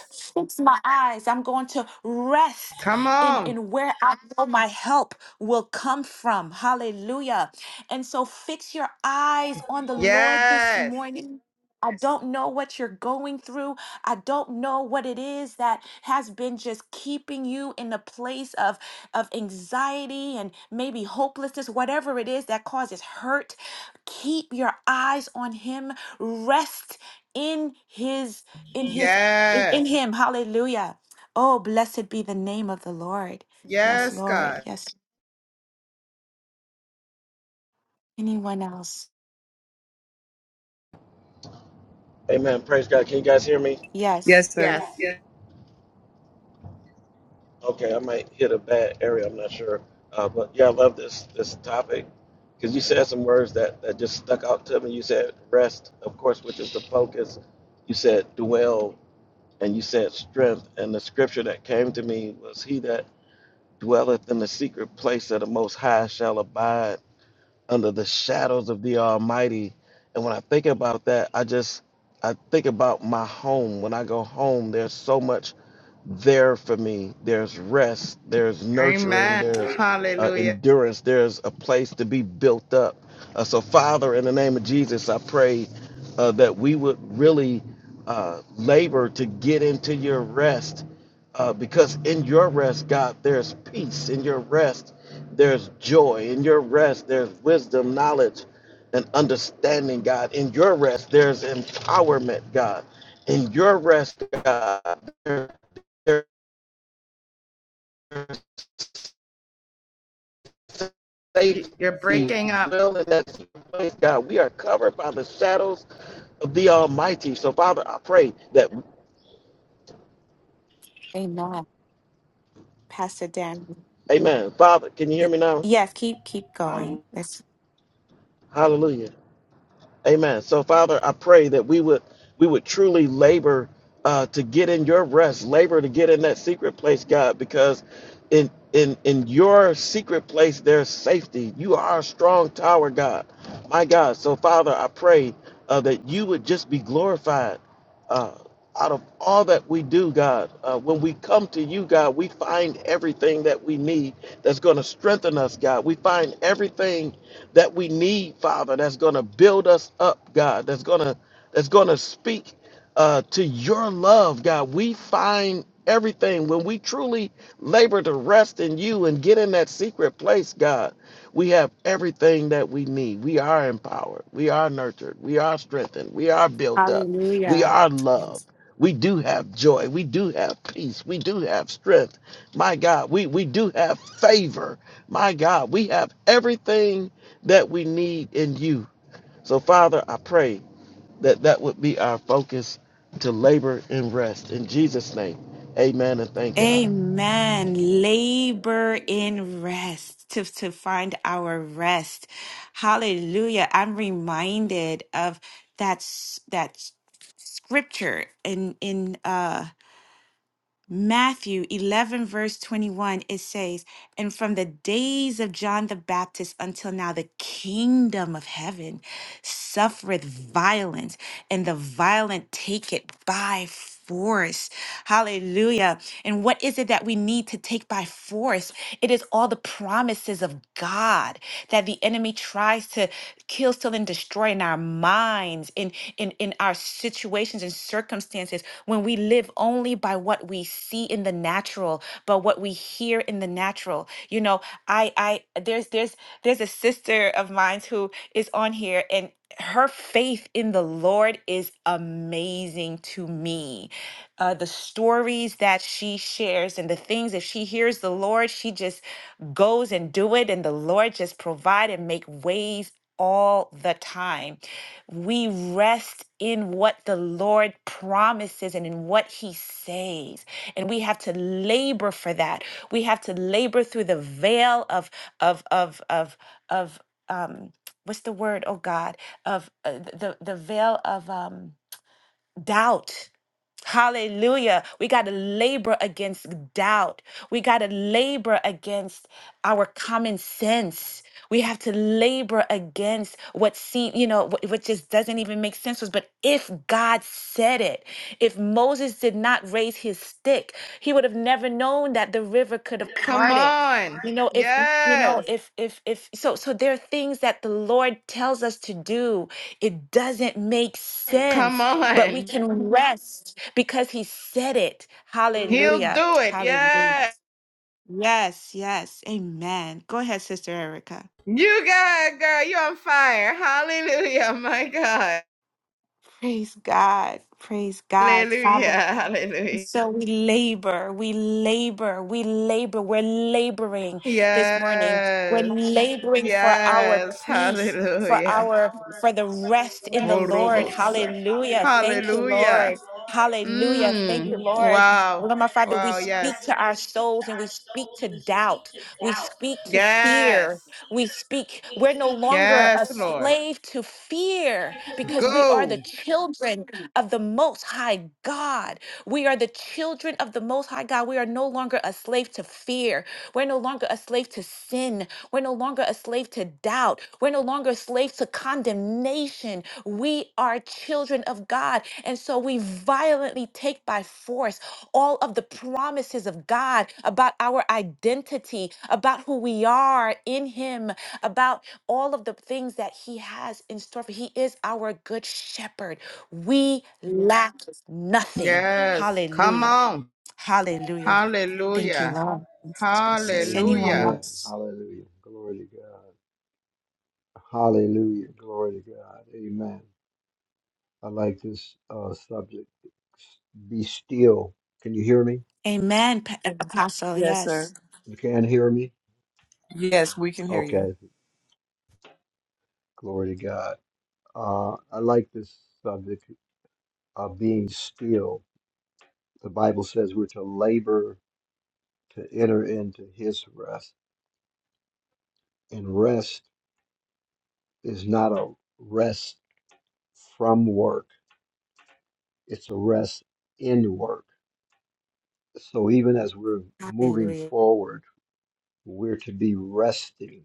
Speaker 4: Come
Speaker 1: In
Speaker 4: on.
Speaker 1: in where I know my help will come from. Hallelujah. And so fix your eyes on the Lord this
Speaker 4: Yes.
Speaker 1: morning. I don't know what you're going through. I don't know what it is that has been just keeping you in a place of, of anxiety and maybe hopelessness, whatever it is that causes hurt. Keep your eyes on him. Rest in his in his in in
Speaker 4: Yes.
Speaker 1: him. Hallelujah. Oh, blessed be the name of the Lord. Yes,
Speaker 4: Yes,
Speaker 1: Lord.
Speaker 4: God.
Speaker 1: Yes. Anyone else?
Speaker 6: Amen. Praise God. Can you guys hear me?
Speaker 1: Yes.
Speaker 2: Yes,
Speaker 4: Yes.
Speaker 2: sir.
Speaker 6: Okay, I might hit a bad area. I'm not sure. Uh, but yeah, I love this this topic because you said some words that, that just stuck out to me. You said rest, of course, which is the focus. You said dwell, and you said strength. And the scripture that came to me was, "He that dwelleth in the secret place of the Most High shall abide under the shadows of the Almighty." And when I think about that, I just I think about my home. When I go home, there's so much there for me. There's rest, there's nurturing,
Speaker 4: Amen.
Speaker 6: there's uh,
Speaker 4: Hallelujah.
Speaker 6: endurance, there's a place to be built up. Uh, so, Father, in the name of Jesus, I pray uh, that we would really uh, labor to get into your rest uh, because in your rest, God, there's peace. In your rest, there's joy. In your rest, there's wisdom, knowledge, and understanding, God. In your rest, there's empowerment, God. In your rest, God, there- safety.
Speaker 4: You- are
Speaker 6: We
Speaker 4: breaking up.
Speaker 6: dwell in that secret place, God. We are covered by the shadows of the Almighty. So, Father, I pray that,
Speaker 1: Amen. Pastor.
Speaker 6: Amen. Father, can you hear
Speaker 1: Y-
Speaker 6: me now?
Speaker 1: Yeah. Keep going. Let's.
Speaker 6: Hallelujah. Amen. So, Father, I pray that we would we would truly labor uh, to get in your rest, labor to get in that secret place, God, because in in in your secret place there's safety. You are a strong tower, God, my God. So, Father, I pray uh, that you would just be glorified uh, out of all that we do, God. Uh, when we come to you, God, we find everything that we need that's going to strengthen us, God. We find everything that we need, Father, that's going to build us up, God, that's going to that's going to speak uh, to your love, God. We find everything when we truly labor to rest in you and get in that secret place, God. We have everything that we need. We are empowered. We are nurtured. We are strengthened. We are built up. We
Speaker 1: Hallelujah.
Speaker 6: are loved.
Speaker 1: Yes.
Speaker 6: We do have joy. We do have peace. We do have strength. My God, we, we do have favor. My God, we have everything that we need in you. So, Father, I pray that that would be our focus to labor and rest. In Jesus' name, amen and thank God.
Speaker 1: Amen. Labor in rest to, to find our rest. Hallelujah. I'm reminded of that, s- that s- scripture in, in, uh. Matthew 11, verse 21, it says, And from the days of John the Baptist until now, the kingdom of heaven suffereth violence, and the violent take it by force. Hallelujah. And what is it that we need to take by force? It is all the promises of God that the enemy tries to kill, steal, and destroy in our minds, in, in, in our situations and circumstances when we live only by what we see in the natural, but what we hear in the natural. You know, I I there's there's there's a sister of mine who is on here and her faith in the Lord is amazing to me. Uh, the stories that she shares and the things if she hears the Lord, she just goes and do it, and the Lord just provide and make ways all the time. We rest in what the Lord promises and in what He says. And we have to labor for that. We have to labor through the veil of, of, of, of, of, um, what's the word? Oh God, of uh, the, the veil of um, doubt Hallelujah. We got to labor against doubt. We got to labor against our common sense. We have to labor against what seem, you know, what, what just doesn't even make sense to us. But if God said it, if Moses did not raise his stick, he would have never known that the river could have
Speaker 4: Come
Speaker 1: parted.
Speaker 4: on.
Speaker 1: You know, if you
Speaker 4: Yes.
Speaker 1: know, if if if so so there are things that the Lord tells us to do. It doesn't make sense
Speaker 4: Come
Speaker 1: but we
Speaker 4: on.
Speaker 1: can Mhm. rest because he said it.
Speaker 4: He'll
Speaker 1: Hallelujah.
Speaker 4: do it.
Speaker 1: Hallelujah.
Speaker 4: Yes.
Speaker 1: Yes, yes. Amen. Go ahead, Sister Erica.
Speaker 4: You got it, girl. You're on fire. Hallelujah. My God.
Speaker 1: Praise God.
Speaker 4: Hallelujah. Hallelujah.
Speaker 1: So we labor, we labor, we labor. We're laboring this morning. We're
Speaker 4: Yes.
Speaker 1: laboring for our
Speaker 4: Yes.
Speaker 1: peace, for
Speaker 4: Hallelujah.
Speaker 1: our for the rest in the
Speaker 4: Oh,
Speaker 1: Lord.
Speaker 4: robots.
Speaker 1: Hallelujah. Thank you,
Speaker 4: Hallelujah.
Speaker 1: Lord. Hallelujah. Thank
Speaker 4: Mm.
Speaker 1: you, Lord.
Speaker 4: Wow.
Speaker 1: Lord, my Father, we
Speaker 4: Wow. Yes.
Speaker 1: speak to our souls and we speak to doubt. We speak to
Speaker 4: Yes.
Speaker 1: fear. We speak, we're no longer a
Speaker 4: Yes, Lord.
Speaker 1: slave to fear because we are the
Speaker 4: Go.
Speaker 1: children of the Most High God. We are the children of the Most High God. We are no longer a slave to fear. We're no longer a slave to sin. We're no longer a slave to doubt. We're no longer a slave to condemnation. We are children of God. And so we violently take by force all of the promises of God about our identity, about who we are in Him, about all of the things that He has in store for. He is our good shepherd. We lack nothing.
Speaker 4: Yes. Come
Speaker 1: Hallelujah.
Speaker 4: on.
Speaker 1: Hallelujah. Thank you,
Speaker 4: Hallelujah.
Speaker 1: Lord. Thank you, Jesus. Anyone
Speaker 5: Amen.
Speaker 4: Hallelujah.
Speaker 1: else?
Speaker 5: Hallelujah. Glory to God. Hallelujah. Glory to God. Amen. I like this uh, subject. Be still. Can you hear me?
Speaker 1: Amen, Pa- uh, Apostle.
Speaker 2: Yes, sir.
Speaker 1: Yes.
Speaker 5: You can hear me?
Speaker 2: Yes, we can hear you.
Speaker 5: Okay. Glory to God. Uh, I like this subject of being still. The Bible says we're to labor to enter into his rest. And rest is not a rest from work, it's a rest in work. So even as we're moving forward, we're to be resting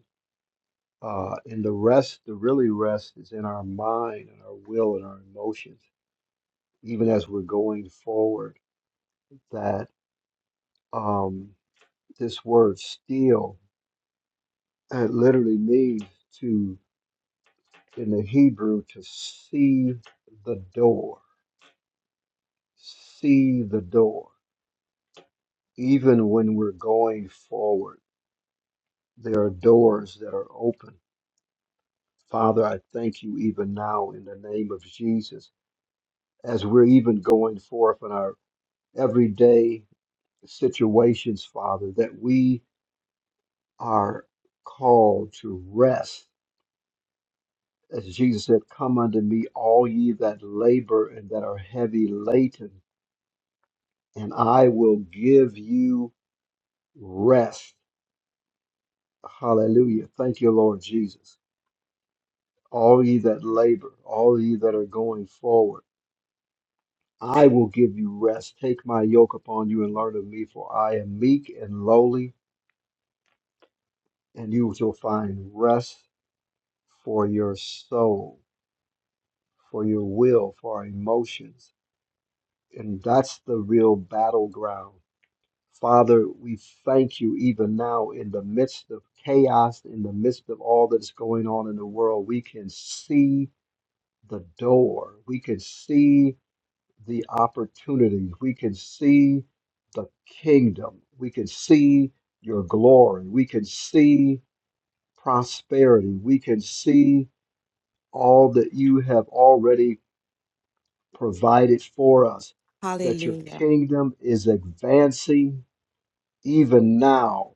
Speaker 5: Uh, and the rest, the really rest, is in our mind and our will and our emotions, even as we're going forward. That um, this word "steal" it literally means to, in the Hebrew, to see the door, see the door. Even when we're going forward, there are doors that are open. Father, I thank you even now in the name of Jesus, as we're even going forth in our everyday. situations, Father, that we are called to rest. As Jesus said, Come unto me, all ye that labor and that are heavy laden, and I will give you rest. Hallelujah. Thank you, Lord Jesus. All ye that labor, all ye that are going forward, I will give you rest. Take my yoke upon you and learn of me, for I am meek and lowly, and you shall find rest for your soul. for your will, for our emotions. And that's the real battleground. Father, we thank you even now in the midst of chaos, in the midst of all that's going on in the world. We can see the door, we can see the opportunities, we can see the kingdom, we can see your glory, we can see prosperity, we can see all that you have already provided for us, that your
Speaker 1: Hallelujah.
Speaker 5: kingdom is advancing even now.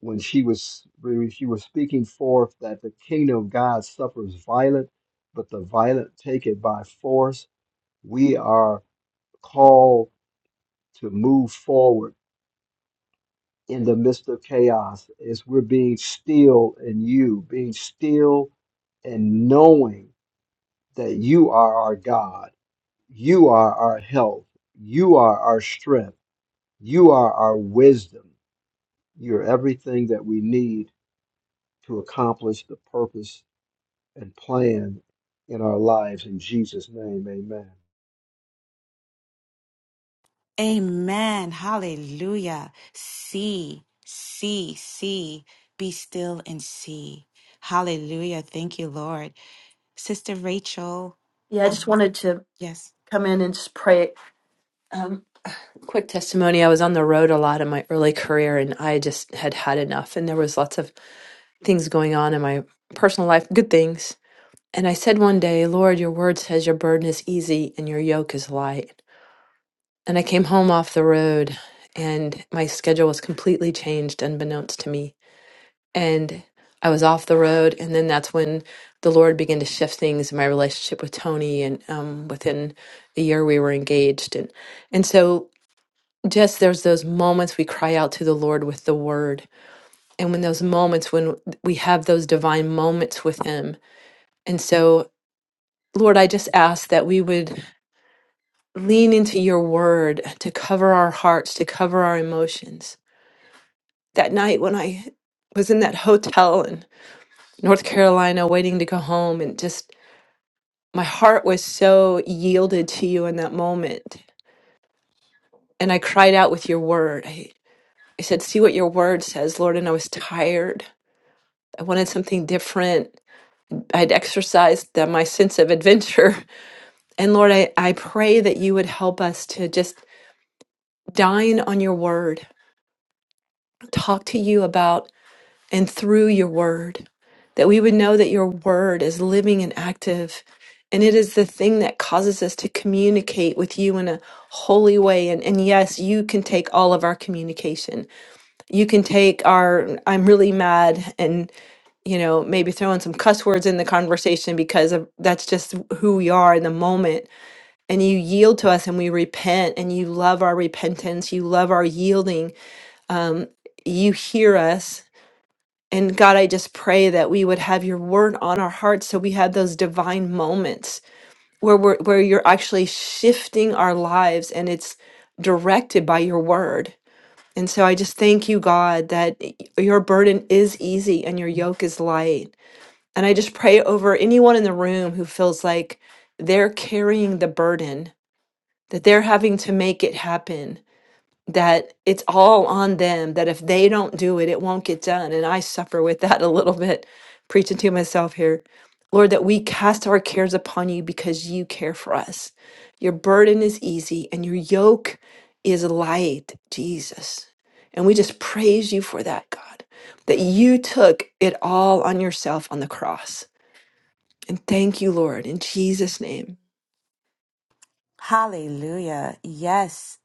Speaker 5: When she was when she was speaking forth that the kingdom of God suffers violent, but the violent take it by force. We are called to move forward in the midst of chaos as we're being still in you, being still and knowing that you are our God, you are our help, you are our strength You are our wisdom. You're everything that we need to accomplish the purpose and plan in our lives. In Jesus' name, amen.
Speaker 1: Amen. Hallelujah. See, see, see. Be still and see. Hallelujah. Thank you, Lord. Sister Rachel.
Speaker 3: Yeah, I just
Speaker 1: Um,
Speaker 3: wanted to
Speaker 1: yes.
Speaker 3: come in and just pray. Um, quick testimony. I was on the road a lot in my early career and I just had had enough. And there was lots of things going on in my personal life, good things. And I said one day, Lord, your word says your burden is easy and your yoke is light. And I came home off the road and my schedule was completely changed unbeknownst to me and I was off the road. And then that's when the Lord began to shift things in my relationship with Tony. And um, within a year, we were engaged. And and so just there's those moments we cry out to the Lord with the Word, and when those moments when we have those divine moments with Him. And so, Lord, I just ask that we would lean into Your Word to cover our hearts, to cover our emotions. That night when I was in that hotel and North Carolina waiting to go home and just my heart was so yielded to you in that moment. And I cried out with your word. I, I said, See what your word says, Lord. And I was tired. I wanted something different. I'd exercised the, my sense of adventure. And Lord, I, I pray that you would help us to just dine on your word, talk to you about and through your word, that we would know that your word is living and active. And it is the thing that causes us to communicate with you in a holy way. And, and yes, you can take all of our communication. You can take our, I'm really mad, and, you know, maybe throw in some cuss words in the conversation because of, that's just who we are in the moment. And you yield to us and we repent and you love our repentance. You love our yielding. Um, you hear us and God, I just pray that we would have your word on our hearts so we have those divine moments where we're, where you're actually shifting our lives and it's directed by your word. And so I just thank you, God, that y- your burden is easy and your yoke is light. And I just pray over anyone in the room who feels like they're carrying the burden, that they're having to make it happen, that it's all on them, that if they don't do it, it won't get done. And I suffer with that a little bit, preaching to myself here. Lord, that we cast our cares upon you because you care for us. Your burden is easy and your yoke is light, Jesus. And we just praise you for that, God, that you took it all on yourself on the cross. And thank you, Lord, in Jesus' name.
Speaker 1: Hallelujah. Yes.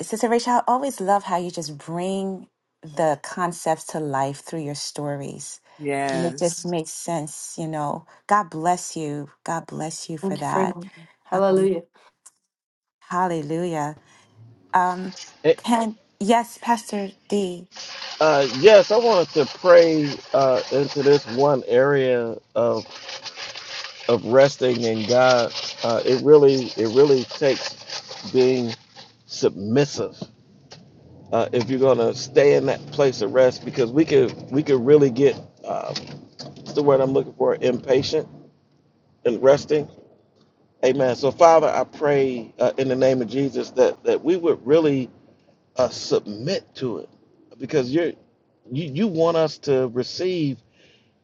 Speaker 1: Sister Rachel, I always love how you just bring the concepts to life through your stories. And it just
Speaker 2: Yes.
Speaker 1: makes sense, you know. God bless you. God bless you for
Speaker 3: Thank you for
Speaker 1: that.
Speaker 3: reminding me.
Speaker 1: Uh,
Speaker 3: Hallelujah.
Speaker 1: hallelujah. Um,
Speaker 6: Eh,
Speaker 1: can yes, Pastor D.
Speaker 6: Uh, yes, I wanted to pray uh, into this one area of, of resting in God. Uh, it really it really takes being submissive uh, if you're gonna stay in that place of rest because we could we could really get uh, what's the word I'm looking for impatient in resting Amen. So, Father, I pray uh, in the name of Jesus that that we would really uh, submit to it, because you're you you want us to receive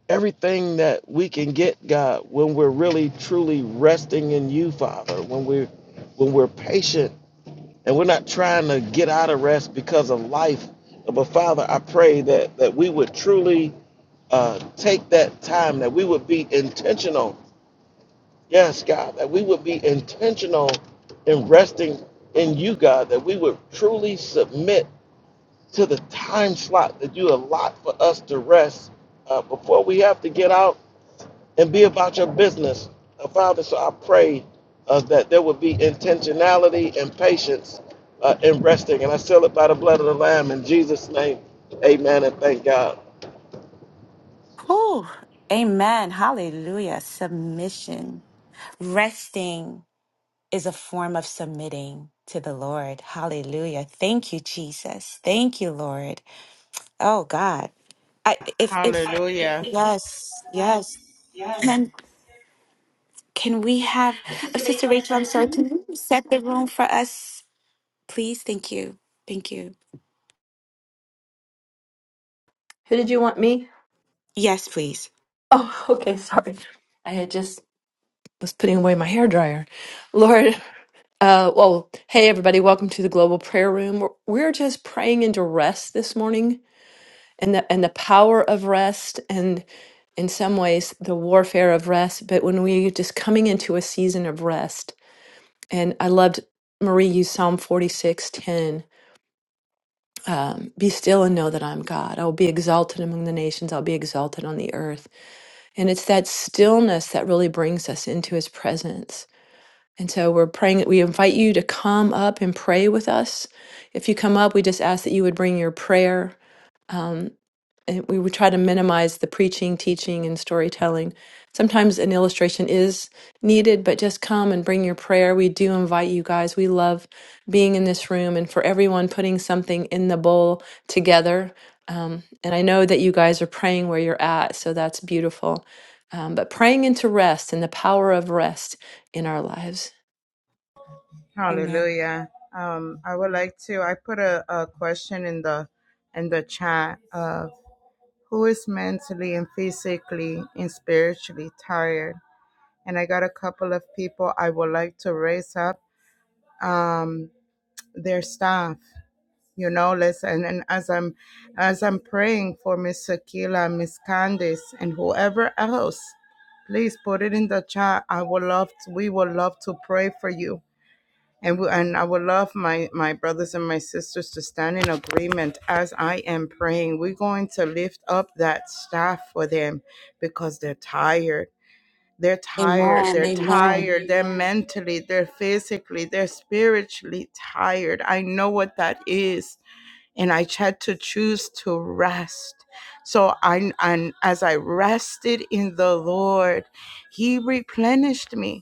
Speaker 6: everything that we can get, God, when we're really truly resting in you, Father. When we're when we're patient and we're not trying to get out of rest because of life, but Father, I pray that that we would truly uh, take that time, that we would be intentional Yes, God, that we would be intentional in resting in you, God, that we would truly submit to the time slot that you allot for us to rest uh, before we have to get out and be about your business. Uh, Father, so I pray uh, that there would be intentionality and patience uh, in resting. And I seal it by the blood of the Lamb in Jesus' name. Amen and thank God.
Speaker 1: Whew, amen. Hallelujah. Submission. Resting is a form of submitting to the Lord. Hallelujah. Thank you, Jesus. Thank you, Lord. Oh God. I if if
Speaker 4: Hallelujah.
Speaker 1: yes, yes. Can can we have uh, Sister Rachel, I'm sorry, can you set the room for us Please, thank you. Thank you.
Speaker 3: Who did you want me?
Speaker 1: Yes, please.
Speaker 3: Oh, okay. Sorry. I had just was putting away my hair dryer. Lord, uh, well, hey, everybody. Welcome to the Global Prayer Room. We're we're just praying into rest this morning. and the and the power of rest and in some ways the warfare of rest but when we just coming into a season of rest and i loved marie used psalm 46 10, um, be still and know that i'm god i will be exalted among the nations i'll be exalted on the earth and it's that stillness that really brings us into his presence and so we're praying we invite you to come up and pray with us if you come up we just ask that you would bring your prayer um, and we would try to minimize the preaching, teaching, and storytelling. Sometimes an illustration is needed, but just come and bring your prayer. We do invite you guys. We love being in this room and for everyone putting something in the bowl together. Um, and I know that you guys are praying where you're at, so that's beautiful. Um, but praying into rest and the power of rest in our lives.
Speaker 1: Amen.
Speaker 4: Hallelujah. Um, I would like to. I put a, a question in the in the chat. Uh, who is mentally and physically and spiritually tired? And I got a couple of people I would like to raise up um, their staff. You know, listen. And as I'm as I'm praying for Miss Sakila, Miss Candice, and whoever else, please put it in the chat. I would love. To, we would love to pray for you and, we, and I would love my, my brothers and my sisters to stand in agreement as I am praying. We're going to lift up that staff for them because they're tired. They're tired.
Speaker 1: Amen.
Speaker 4: They're
Speaker 1: Amen.
Speaker 4: tired. They're mentally, they're physically, they're spiritually tired. I know what that is. And I had to choose to rest. So I and as I rested in the Lord, He replenished me.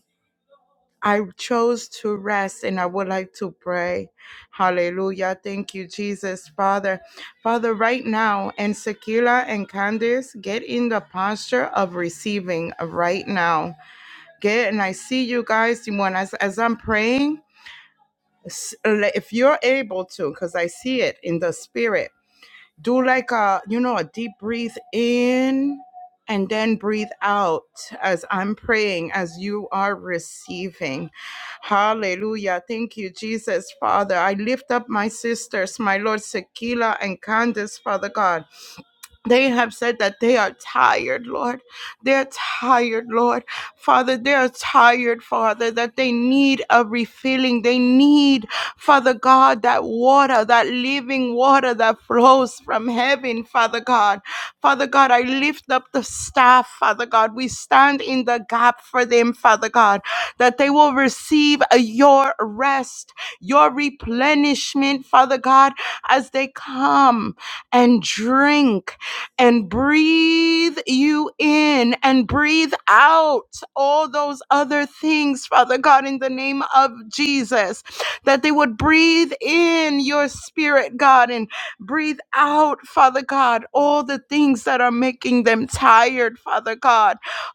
Speaker 4: I chose to rest and I would like to pray. Hallelujah. Thank you, Jesus, Father. Father, right now, and Sekila and Candace, get in the posture of receiving right now. Get, and I see you guys, you want, as, as I'm praying, s- if you're able to, because I see it in the spirit, do like a you know a deep breathe in and then breathe out as I'm praying, as you are receiving. Hallelujah. Thank you, Jesus, Father. I lift up my sisters, my Lord, Sekila and Candace, Father God. They have said that they are tired, Lord. They're tired, Lord. Father, they're tired, Father, that they need a refilling. They need, Father God, that water, that living water that flows from heaven, Father God. Father God, I lift up the staff, Father God. We stand in the gap for them, Father God, that they will receive uh, your rest, your replenishment, Father God, as they come and drink and breathe you in and breathe out all those other things, Father God, in the name of Jesus, that they would breathe in your spirit, God, and breathe out, Father God, all the things that are making them tired, Father God.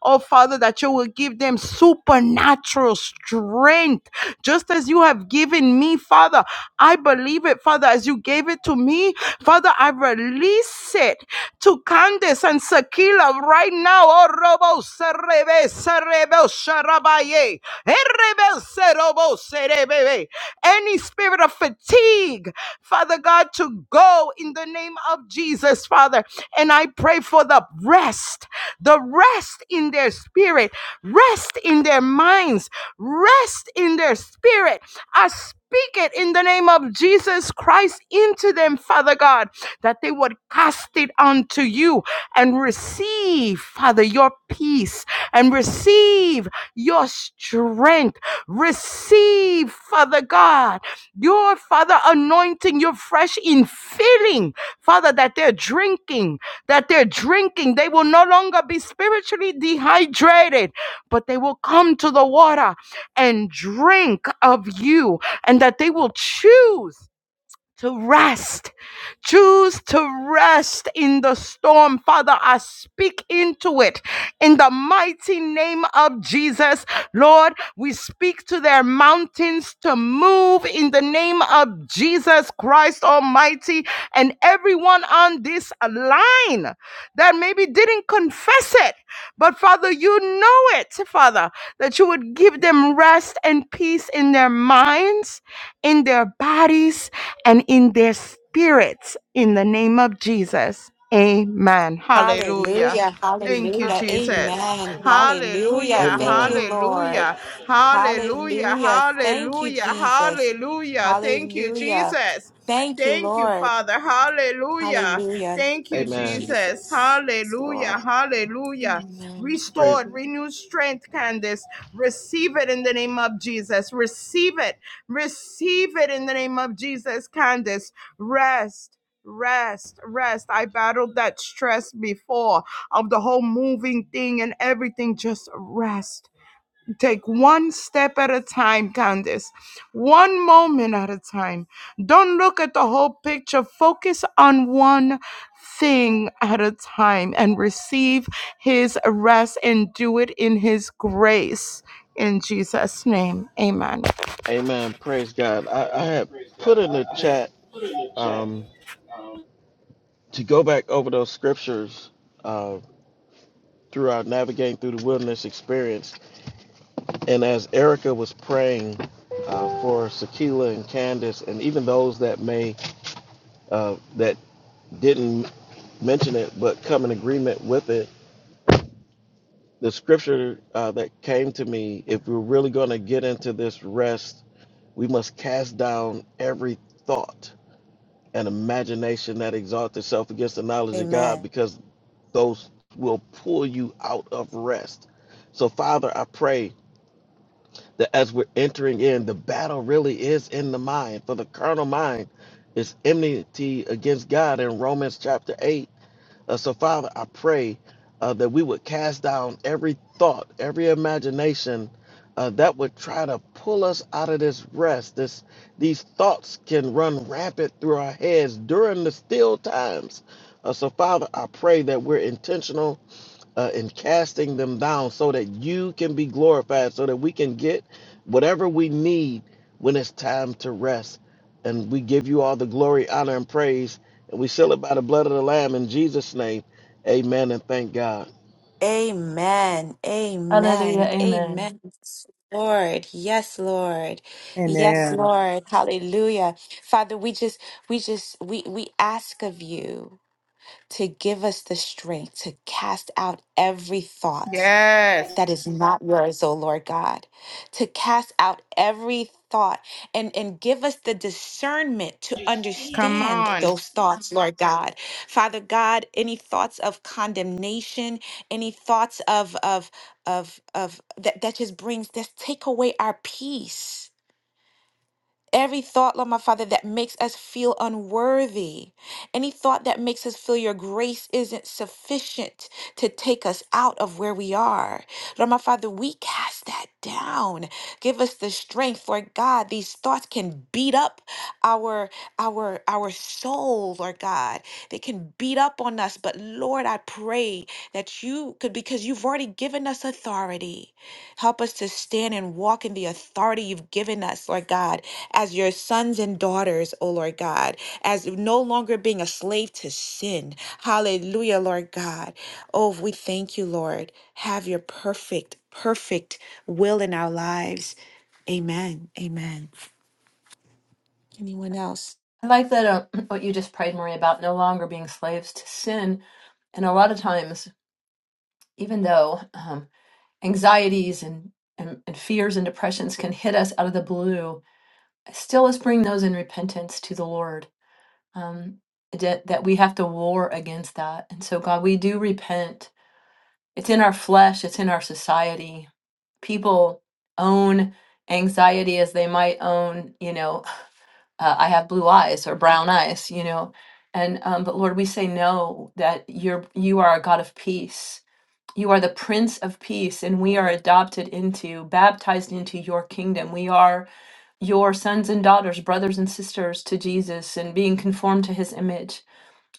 Speaker 4: Oh, Father, that you will give them supernatural strength, just as you have given me, Father. I believe it, Father, as you gave it to me. Father, I release it to Candace and Sakila right now. Oh, Robo, Serebe, Serebe, Sharabaye, Erebe, Serobo, Serebebe. Any spirit of fatigue, Father God, to go in the name of Jesus, Father. And I pray for the rest the rest in their spirit, rest in their minds, rest in their spirit. I speak it in the name of Jesus Christ into them, Father God, that they would cast it unto you and receive, Father, your peace and receive your strength. Receive, Father God, your Father anointing, your fresh infilling, Father, that they're drinking that they're drinking, they will no longer be spiritually dehydrated, but they will come to the water and drink of you, and that they will choose to rest. Choose to rest in the storm. Father, I speak into it in the mighty name of Jesus. Lord, we speak to their mountains to move in the name of Jesus Christ Almighty and everyone on this line that maybe didn't confess it. But Father, you know it, Father, that you would give them rest and peace in their minds, in their bodies, and in their spirits in the name of Jesus. Amen. Hallelujah.
Speaker 1: Hallelujah.
Speaker 4: Thank you,
Speaker 1: Hallelujah.
Speaker 4: Jesus.
Speaker 1: Amen.
Speaker 4: Hallelujah,
Speaker 1: Hallelujah. Thank you,
Speaker 6: Amen.
Speaker 1: Lord.
Speaker 4: hallelujah, hallelujah,
Speaker 1: Hallelujah. Thank you,
Speaker 4: hallelujah,
Speaker 1: Jesus.
Speaker 4: hallelujah. Thank you,
Speaker 1: Hallelujah.
Speaker 4: Jesus.
Speaker 1: Thank you,
Speaker 4: Thank you,
Speaker 1: Lord.
Speaker 4: Father. Hallelujah.
Speaker 1: Hallelujah.
Speaker 4: Thank you,
Speaker 1: Thank you,
Speaker 6: Amen.
Speaker 4: Jesus.
Speaker 1: Jesus. Yes, Lord.
Speaker 4: Hallelujah, hallelujah.
Speaker 1: Amen.
Speaker 6: Praise.
Speaker 4: Restored, renewed strength, Candace. Receive it in the name of Jesus. Receive it. Receive it in the name of Jesus, Candace. Rest. Rest, rest. I battled that stress before of the whole moving thing and everything. Just rest. Take one step at a time, Candace. One moment at a time. Don't look at the whole picture. Focus on one thing at a time and receive his rest and do it in his grace. In Jesus' name, amen.
Speaker 6: Amen. Praise God. I, I had put in the chat Um, to go back over those scriptures uh, through our navigating through the wilderness experience, and as Erica was praying uh, for Sakila and Candace, and even those that may uh, that didn't mention it but come in agreement with it, the scripture uh, that came to me: if we're really going to get into this rest, we must cast down every thought and imagination that exalts itself against the knowledge of
Speaker 1: Amen.
Speaker 6: God, because those will pull you out of rest. So, Father, I pray that as we're entering in, the battle really is in the mind, for the carnal mind is enmity against God in Romans chapter 8. Uh, so, Father, I pray uh, that we would cast down every thought, every imagination. Uh, that would try to pull us out of this rest. This, these thoughts can run rampant through our heads during the still times. Uh, so, Father, I pray that we're intentional uh, and casting them down so that you can be glorified, so that we can get whatever we need when it's time to rest. And we give you all the glory, honor, and praise. And we seal it by the blood of the Lamb in Jesus' name. Amen. And thank God.
Speaker 1: Amen.
Speaker 3: Hallelujah.
Speaker 1: Amen.
Speaker 3: Amen.
Speaker 1: Amen. Yes, Lord. Yes, Lord. Yes,
Speaker 2: Amen.
Speaker 1: Lord. Hallelujah. Father, we just we just we we ask of you to give us the strength to cast out every thought
Speaker 4: Yes.
Speaker 1: that is not yours, O Lord God, to cast out every thought and, and give us the discernment to
Speaker 4: Come
Speaker 1: understand
Speaker 4: on.
Speaker 1: those thoughts, Lord God. Father God, any thoughts of condemnation, any thoughts of of of of that, that just brings this take away our peace. Every thought, Lord, my Father, that makes us feel unworthy, any thought that makes us feel your grace isn't sufficient to take us out of where we are. Lord, my Father, we cast that down. Give us the strength, Lord God. These thoughts can beat up our our our soul, Lord God. They can beat up on us, but Lord, I pray that you could because you've already given us authority. Help us to stand and walk in the authority you've given us, Lord God, as your sons and daughters, O Lord God, as no longer being a slave to sin. Hallelujah, Lord God. Oh, we thank you, Lord. Have your perfect, perfect will in our lives. Amen. Amen. Anyone else?
Speaker 3: I like that uh, what you just prayed, Marie, about no longer being slaves to sin. And a lot of times even though um, anxieties and, and, and fears and depressions can hit us out of the blue, still let's bring those in repentance to the Lord. Um, that, that we have to war against that. And so, God, we do repent. It's in our flesh, it's in our society. People own anxiety as they might own, you know, uh, I have blue eyes or brown eyes, you know. And um, but Lord, we say no. That you're you are a God of peace, you are the Prince of Peace, and we are adopted into, baptized into your kingdom. We are your sons and daughters, brothers and sisters to Jesus, and being conformed to his image.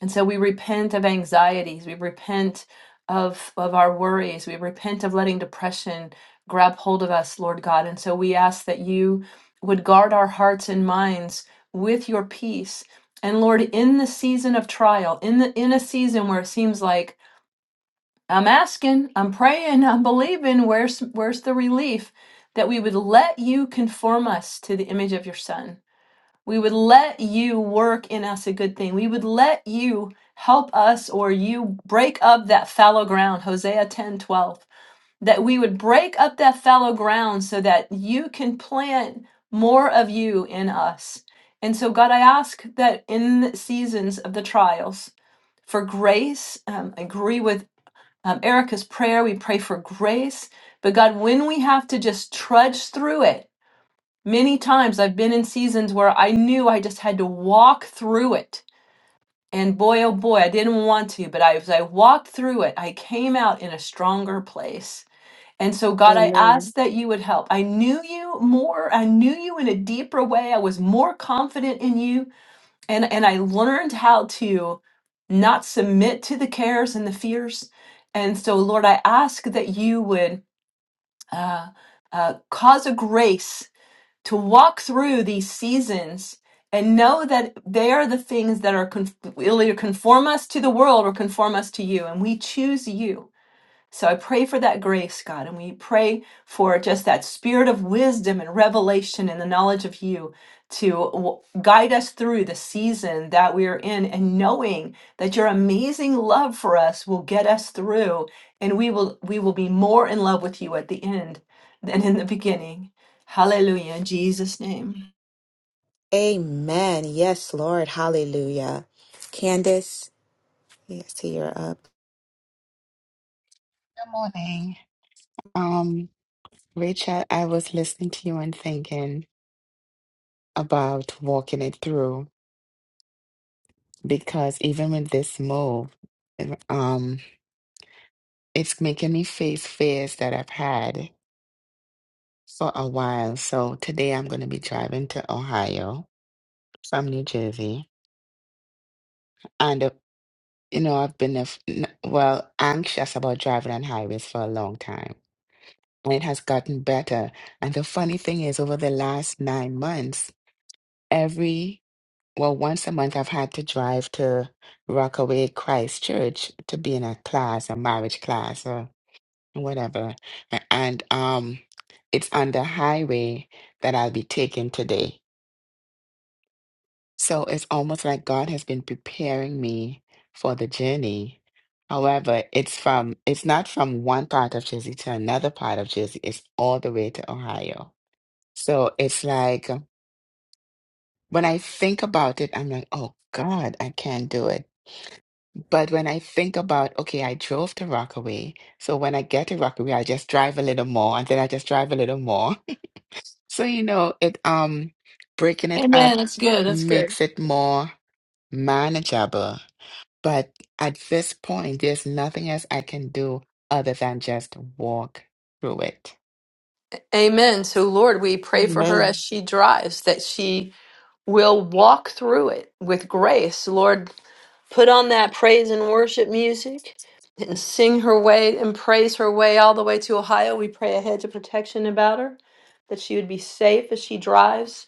Speaker 3: And so we repent of anxieties. We repent of, of our worries. We repent of letting depression grab hold of us, Lord God. And so we ask that you would guard our hearts and minds with your peace. And Lord, in the season of trial, in the in a season where it seems like I'm asking, I'm praying, I'm believing. Where's where's the relief that we would let you conform us to the image of your son? We would let you work in us a good thing. We would let you help us or you break up that fallow ground, Hosea 10 12. That we would break up that fallow ground so that you can plant more of you in us. And so, God, I ask that in the seasons of the trials, for grace. Um, I agree with um, Erica's prayer. We pray for grace. But God, when we have to just trudge through it, many times I've been in seasons where I knew I just had to walk through it. And boy, oh boy, I didn't want to, but I, as I walked through it, I came out in a stronger place. And so, God, I
Speaker 1: Amen.
Speaker 3: asked that you would help. I knew you more. I knew you in a deeper way. I was more confident in you and and I learned how to not submit to the cares and the fears. And so, Lord, I ask that you would uh, uh, cause a grace to walk through these seasons and know that they are the things that are conf- will either conform us to the world or conform us to you, and we choose you. So I pray for that grace, God, and we pray for just that spirit of wisdom and revelation and the knowledge of you to w- guide us through the season that we are in and knowing that your amazing love for us will get us through and we will we will be more in love with you at the end than in the beginning. Hallelujah, in Jesus name.
Speaker 1: Amen. Yes, Lord. Hallelujah. Candace, yes, you're up.
Speaker 7: Good morning. Um, Rachel, I was listening to you and thinking about walking it through because even with this move, eh, um, it's making me face fears that I've had for a while. So today I'm going to be driving to Ohio from New Jersey. And, uh, you know, I've been, af- n- well, anxious about driving on highways for a long time. And It has gotten better. And the funny thing is, over the last nine months, Well, once a month, I've had to drive to Rockaway Christchurch, to be in a class, a marriage class, or whatever. A- And um, it's on the highway that I'll be taking today. So it's almost like God has been preparing me for the journey. However, it's from it's not from one part of Jersey to another part of Jersey. It's all the way to Ohio. So it's like when I think about it, I'm like, oh God, I can't do it But when I think about, okay, I drove to Rockaway. So when I get to Rockaway, I just drive a little more and then I just drive a little more. So, you know, it um breaking it
Speaker 3: Amen.
Speaker 7: up
Speaker 3: That's good. That's good.
Speaker 7: makes it more manageable. But at this point, there's nothing else I can do other than just walk through it.
Speaker 3: Amen. So, Lord, we pray for her as
Speaker 1: Amen.
Speaker 3: she drives that she we'll walk through it with grace. Lord, put on that praise and worship music and sing her way and praise her way all the way to Ohio. We pray a hedge of protection about her, that she would be safe as she drives,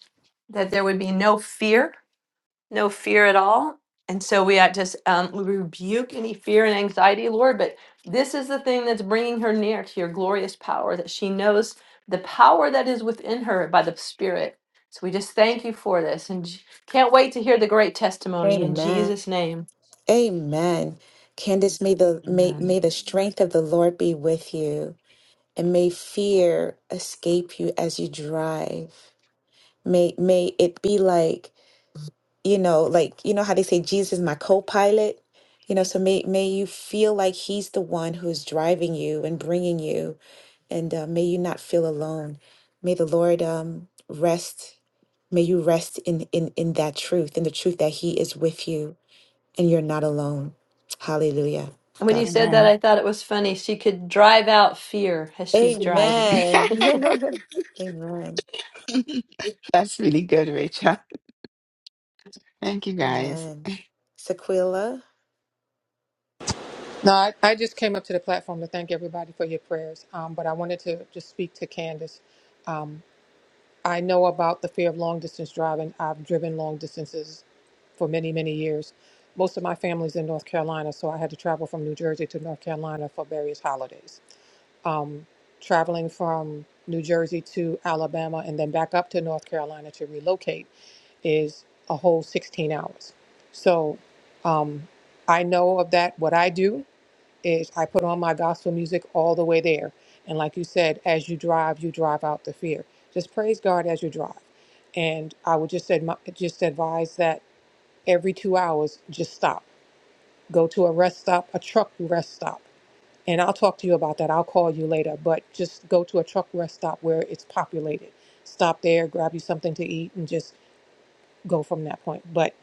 Speaker 3: that there would be no fear no fear at all. And so we had just um, we rebuke any fear and anxiety, Lord. But this is the thing that's bringing her near to your glorious power that she knows the power that is within her by the Spirit. So we just thank you for this and j- can't wait to hear the great testimony in
Speaker 1: Amen.
Speaker 3: Jesus' name.
Speaker 1: Amen. Candace, may the may,
Speaker 7: Amen.
Speaker 1: may the strength of the Lord be with you, and may fear escape you as you drive. May may it be like, you know, like you know how they say Jesus is my co-pilot. You know, so may may you feel like he's the one who's driving you and bringing you, and uh, may you not feel alone. May the Lord um, rest. May you rest in in in that truth, in the truth that He is with you and you're not alone. Hallelujah.
Speaker 3: And when
Speaker 1: God.
Speaker 3: you said that,
Speaker 7: Amen.
Speaker 3: I thought it was funny. She could drive out fear as she's driving.
Speaker 1: Amen. Amen.
Speaker 7: That's really good, Rachel. Thank you guys.
Speaker 1: Amen. Sequila.
Speaker 8: No, I, I just came up to the platform to thank everybody for your prayers. Um, but I wanted to just speak to Candace. Um, I know about the fear of long distance driving. I've driven long distances for many, many years. Most of my family's in North Carolina, so I had to travel from New Jersey to North Carolina for various holidays. Um, traveling from New Jersey to Alabama and then back up to North Carolina to relocate is a whole 16 hours. So um, I know of that, what I do is I put on my gospel music all the way there. And like you said, as you drive, you drive out the fear. Just praise God as you drive. And I would just admi- just advise that every two hours, just stop. Go to a rest stop, a truck rest stop. And I'll talk to you about that. I'll call you later. But just go to a truck rest stop where it's populated. Stop there, grab you something to eat, and just go from that point. But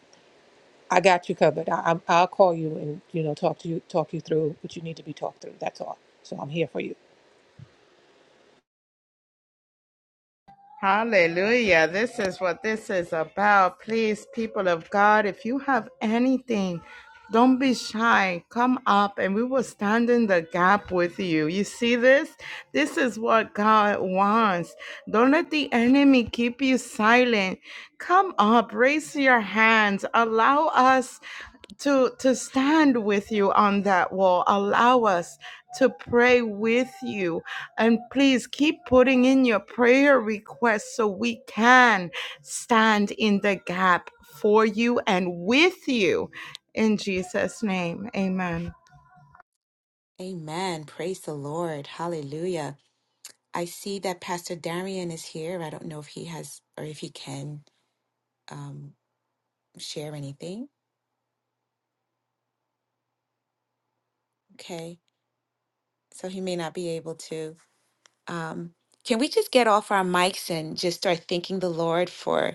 Speaker 8: I got you covered. I, I'm- I'll call you and you know talk to you talk you through what you need to be talked through. That's all. So I'm here for you.
Speaker 4: Hallelujah. This is what this is about. Please, people of God, if you have anything, don't be shy. Come up and we will stand in the gap with you. You see this? This is what God wants. Don't let the enemy keep you silent. Come up, raise your hands. Allow us to to stand with you on that wall allow us to pray with you and please keep putting in your prayer requests so we can stand in the gap for you and with you. In Jesus' name, amen.
Speaker 1: Amen. Praise the Lord. Hallelujah. I see that Pastor Darian is here. I don't know if he has or if he can um, share anything. Okay. So he may not be able to. Um, can we just get off our mics and just start thanking the Lord for?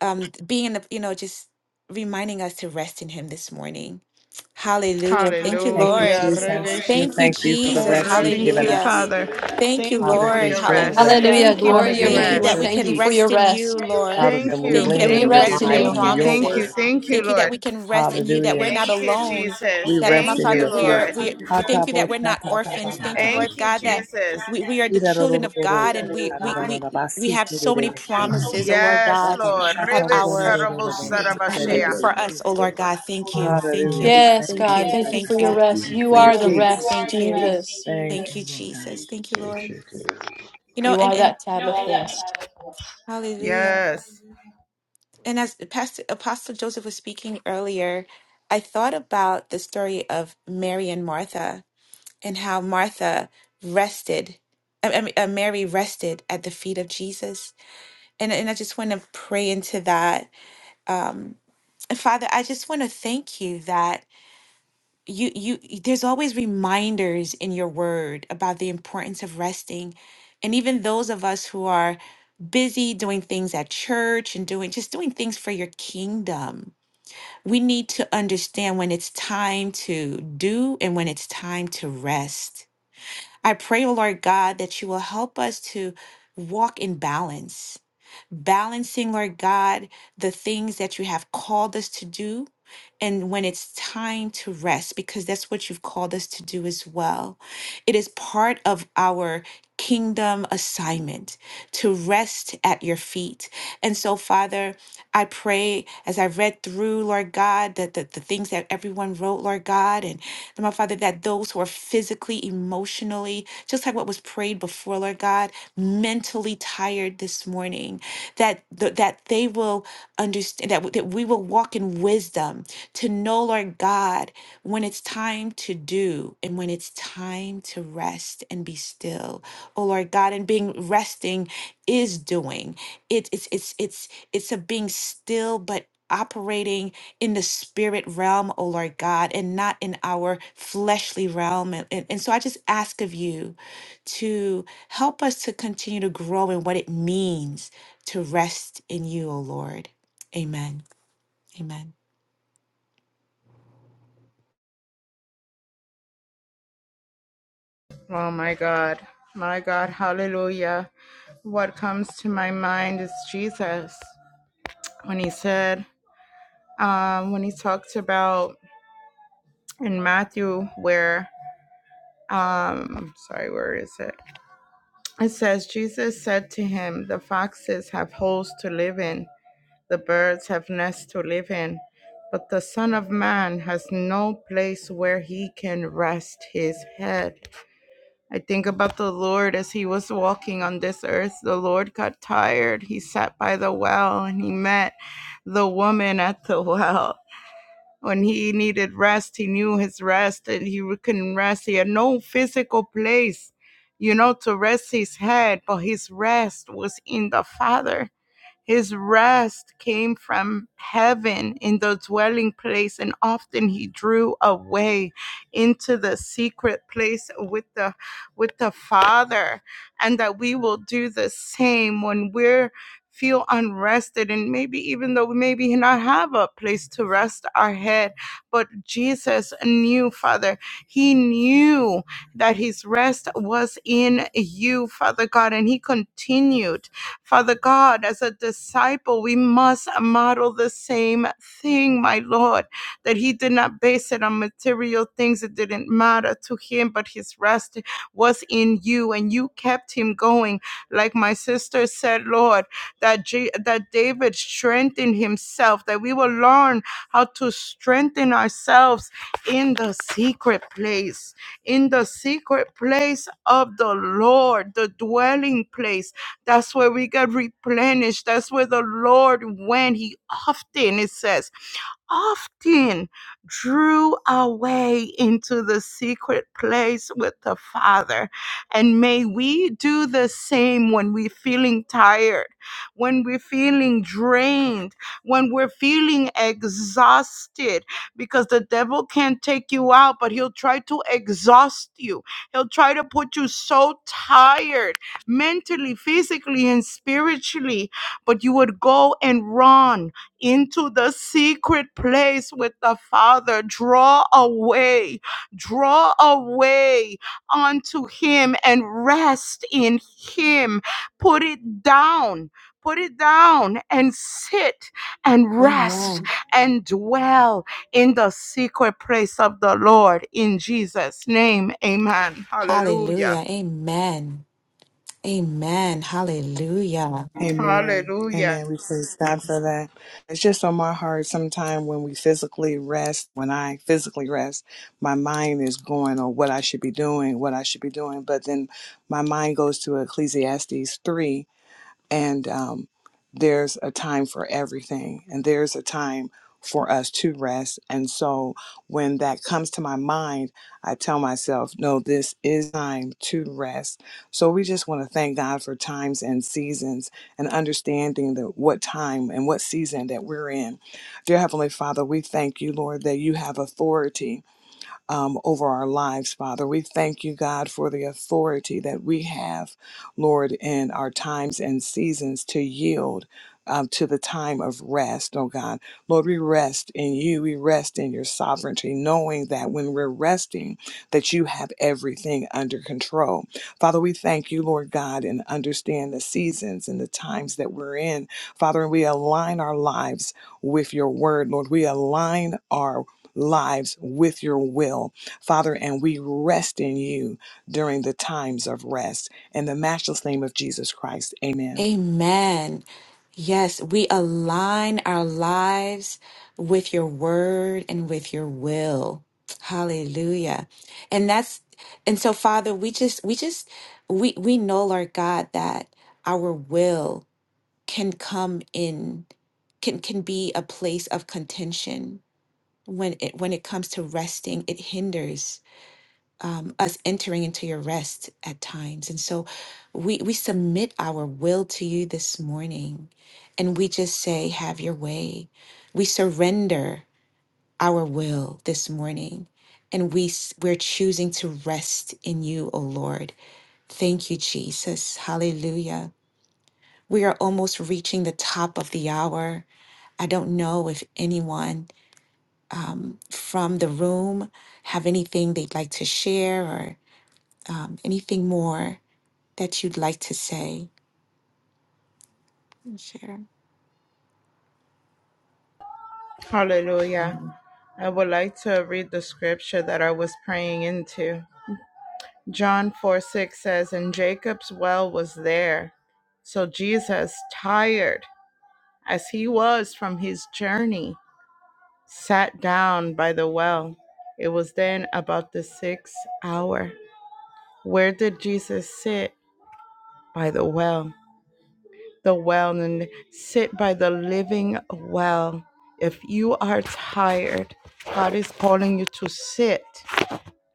Speaker 1: um being in the you know just reminding us to rest in him this morning hallelujah thank you
Speaker 2: Thank you,
Speaker 1: lord
Speaker 4: Hallelujah.
Speaker 2: Jesus. We
Speaker 4: Revision.
Speaker 1: thank you
Speaker 2: thank you for the
Speaker 4: Oh,
Speaker 1: jesus
Speaker 2: rest you've
Speaker 4: thank
Speaker 2: given
Speaker 4: you,
Speaker 1: hallelujah
Speaker 2: us.
Speaker 4: Father.
Speaker 5: Glory to
Speaker 1: thank you
Speaker 4: Thank you
Speaker 2: Father,
Speaker 4: for
Speaker 2: it
Speaker 1: lord
Speaker 4: your
Speaker 2: is your
Speaker 4: rest.
Speaker 2: rest.
Speaker 1: hallelujah
Speaker 3: Hallelujah.
Speaker 4: Thank you for
Speaker 3: Glory to your
Speaker 4: your
Speaker 2: Hallelujah.
Speaker 1: thank
Speaker 3: name,
Speaker 1: you
Speaker 2: It is
Speaker 1: that
Speaker 3: Lord.
Speaker 2: your
Speaker 1: we
Speaker 4: rest.
Speaker 3: Thank
Speaker 1: can
Speaker 3: you for
Speaker 2: peace.
Speaker 3: your
Speaker 1: rest in you
Speaker 3: rest.
Speaker 1: lord
Speaker 2: Father,
Speaker 4: Thank
Speaker 2: and we
Speaker 1: thank
Speaker 4: you.
Speaker 1: you that
Speaker 2: lean
Speaker 1: we
Speaker 3: We
Speaker 2: and
Speaker 1: can
Speaker 4: Thank you.
Speaker 3: rest
Speaker 1: rest in
Speaker 3: in
Speaker 2: rely
Speaker 1: your
Speaker 3: you.
Speaker 4: Thank
Speaker 2: on
Speaker 4: you.
Speaker 2: your
Speaker 4: Thank you.
Speaker 2: word.
Speaker 1: promises
Speaker 4: Thank you,
Speaker 1: thank you
Speaker 4: Lord.
Speaker 1: that we can rest in you that we're
Speaker 2: Hallelujah.
Speaker 1: not
Speaker 4: Thank you,
Speaker 1: alone
Speaker 4: Jesus.
Speaker 2: We
Speaker 1: that lord my
Speaker 2: rest in
Speaker 4: Thank
Speaker 2: your
Speaker 1: father
Speaker 4: you,
Speaker 1: we are
Speaker 4: Lord.
Speaker 1: we,
Speaker 2: authority.
Speaker 1: we thank you that we're not orphans thank you
Speaker 2: Ha-ta-bo-sha-ta-ta-ba-ba-ba.
Speaker 1: lord
Speaker 4: Thank you,
Speaker 1: god that
Speaker 4: Jesus.
Speaker 1: we, we are the children of god and we we we we have so many
Speaker 2: Ida-ro-ro-ro-ro-ro-sha-ta-ra-ra-ra-ra-ba-si-ti-ri-ri-ri-ki.
Speaker 1: promises oh lord
Speaker 4: Yes,
Speaker 1: god
Speaker 4: Lord.
Speaker 1: at
Speaker 4: Rebe
Speaker 1: our
Speaker 4: sarabo
Speaker 1: I-
Speaker 5: Glory
Speaker 1: for
Speaker 5: to
Speaker 2: Ra-ba-sha-ta-ro-ro-ro-ro-ro-ro-sha-da-ri-ri-ri-ki.
Speaker 1: us, oh
Speaker 5: your
Speaker 1: Lord God, thank you, thank
Speaker 2: Hallelujah.
Speaker 1: you,
Speaker 2: We
Speaker 3: Yes,
Speaker 2: thank you
Speaker 1: thank
Speaker 3: God,
Speaker 2: for
Speaker 1: you,
Speaker 3: thank
Speaker 2: your
Speaker 3: you for
Speaker 1: thank
Speaker 2: rest.
Speaker 3: your
Speaker 1: you,
Speaker 5: name.
Speaker 3: rest.
Speaker 2: Thank you
Speaker 3: You
Speaker 2: for your
Speaker 3: are
Speaker 1: thank
Speaker 3: the
Speaker 1: you,
Speaker 2: peace.
Speaker 3: rest,
Speaker 1: thank you,
Speaker 3: Jesus.
Speaker 2: Thank
Speaker 1: thank
Speaker 2: you,
Speaker 1: you,
Speaker 2: Lord God.
Speaker 1: Jesus, thank you, Lord. You know,
Speaker 3: You
Speaker 1: and
Speaker 3: are
Speaker 1: and
Speaker 3: that Sabbath rest.
Speaker 1: Hallelujah.
Speaker 4: Yes.
Speaker 1: And as Pastor Apostle Joseph was speaking earlier, I thought about the story of Mary and Martha and how Martha rested. I I mean, uh, Mary rested at the feet of Jesus, and and I just want to pray into that. Um, Father, I just want to thank you that. you you y- there's always reminders in your word about the importance of resting and even those of us who are busy doing things at church and doing just doing things for your kingdom we need to understand when it's time to do and when it's time to rest I pray, O Lord God, that you will help us to walk in balance, balancing, Lord God, the things that you have called us to do and when it's time to rest, because that's what you've called us to do as well. It is part of our kingdom assignment to rest at your feet. And so, Father, I pray as I read through, Lord God, the, the, the things that everyone wrote, Lord God, Lord my Father, that those who are physically, emotionally, just like what was prayed before, Lord God, mentally tired this morning, that th- that they will understand that, w- that we will walk in wisdom to know, Lord God, when it's time to do and when it's time to rest and be still. Oh Lord God, and being resting is doing. It, it's it's it's it's a being still, but operating in the spirit realm, O Lord God, and not in our fleshly realm. And, and, and so I just ask of you to help us to continue to grow in what it means to rest in you, O Lord. Amen. Amen.
Speaker 4: Oh, my God. My God. Hallelujah. What comes to my mind is Jesus. When he said, um, when he talked about in Matthew, where, um, sorry, where is it? It says, Jesus said to him, The foxes have holes to live in, the birds have nests to live in, but the Son of Man has no place where he can rest his head. I think about the Lord as he was walking on this earth. The Lord got tired. He sat by the well and he met the woman at the well. When he needed rest, he knew his rest and he couldn't rest. He had no physical place, you know, to rest his head, but his rest was in the Father his rest came from heaven in the dwelling place, and often he drew away into the secret place with the with the Father, and that we will do the same when we're feel unrested and maybe even though we maybe not have a place to rest our head but jesus knew father he knew that his rest was in you father god and he continued Father God, as a disciple, we must model the same thing, my Lord, that he did not base it on material things that didn't matter to him, but his rest was in you, and you kept him going. Like my sister said, Lord, that, J- that David strengthened himself, that we will learn how to strengthen ourselves in the secret place, in the secret place of the Lord, the dwelling place that's where we get replenished. That's where the Lord went. He often, it says, often drew away into the secret place with the Father. And may we do the same when we're feeling tired, when we're feeling drained, when we're feeling exhausted, because the devil can't take you out, but he'll try to exhaust you. He'll try to put you so tired mentally, physically, and spiritually, but you would go and run into the secret place with the Father. Draw away, draw away unto Him and rest in Him. Put it down. Put it down and sit and rest
Speaker 1: Amen.
Speaker 4: and dwell in the secret place of the Lord in Jesus' name. Amen. Hallelujah.
Speaker 1: Hallelujah. Amen. Amen. Hallelujah.
Speaker 2: Amen.
Speaker 4: Hallelujah.
Speaker 2: Amen. We praise God for that. It's just on my heart sometime when we physically rest, when I physically rest, my mind is going on what I should be doing, what I should be doing. But then my mind goes to Ecclesiastes 3 and um, there's a time for everything and there's a time for us to rest and so when that comes to my mind i tell myself no this is time to rest so we just want to thank god for times and seasons and understanding that what time and what season that we're in dear heavenly father we thank you lord that you have authority um, over our lives, Father. We thank you, God, for the authority that we have, Lord, in our times and seasons to yield. Um, to the time of rest, oh God. Lord, we rest in you. We rest in your sovereignty, knowing that when we're resting, that you have everything under control. Father, we thank you, Lord God, and understand the seasons and the times that we're in. Father, and we align our lives with your word, Lord. We align our lives with your will, Father, and we rest in you during the times of rest. In the matchless name of Jesus Christ, amen.
Speaker 1: Amen. Yes, we align our lives with your word and with your will. Hallelujah. And that's and so Father, we just we just we we know Lord God that our will can come in can can be a place of contention when it when it comes to resting, it hinders um, us entering into your rest at times. And so we, we submit our will to you this morning and we just say, Have your way. We surrender our will this morning and we, s- we're choosing to rest in you, O Lord. Thank you, Jesus. Hallelujah. We are almost reaching the top of the hour. I don't know if anyone from the room have anything they'd like to share or um, anything more that you'd like to say and share.
Speaker 4: Hallelujah.
Speaker 1: Mhm.
Speaker 4: I would like to read the scripture that I was praying into. John 4 6 says, And Jacob's well was there. So Jesus, tired as he was from his journey, sat down by the well. It was then about the sixth hour. Where did Jesus sit? By the well. The well, and sit by the living well. If you are tired, God is calling you to sit.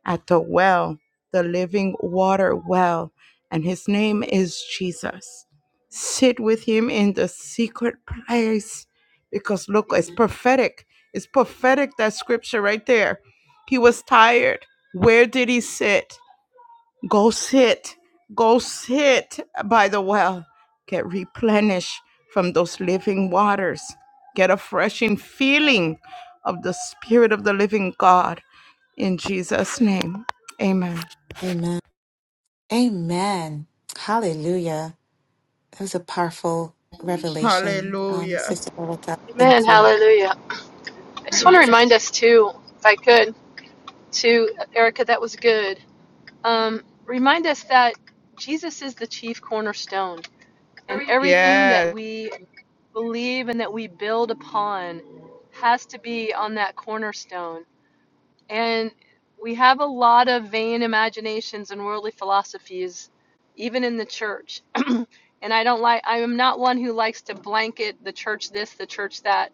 Speaker 4: at the well, the living water well, and his name is Jesus. Sit with him in the secret place because look, it's prophetic. It's prophetic that scripture right there. He was tired. Where did he sit? Go sit, go sit by the well. Get replenished from those living waters. Get a freshing feeling of the Spirit of the living God. In Jesus' name, amen.
Speaker 1: Amen. Amen. Hallelujah. That was a powerful revelation, um,
Speaker 4: Hallelujah.
Speaker 1: Sister Erica.
Speaker 3: Amen.
Speaker 1: Thank you.
Speaker 3: Hallelujah. I just want to remind us too, if I could, to Erica, that was good. Um, remind us that Jesus is the chief cornerstone, and everything that
Speaker 4: Yes.
Speaker 3: we believe and that we build upon has to be on that cornerstone. And we have a lot of vain imaginations and worldly philosophies, even in the church. and I don't like, I am not one who likes to blanket the church this, the church that.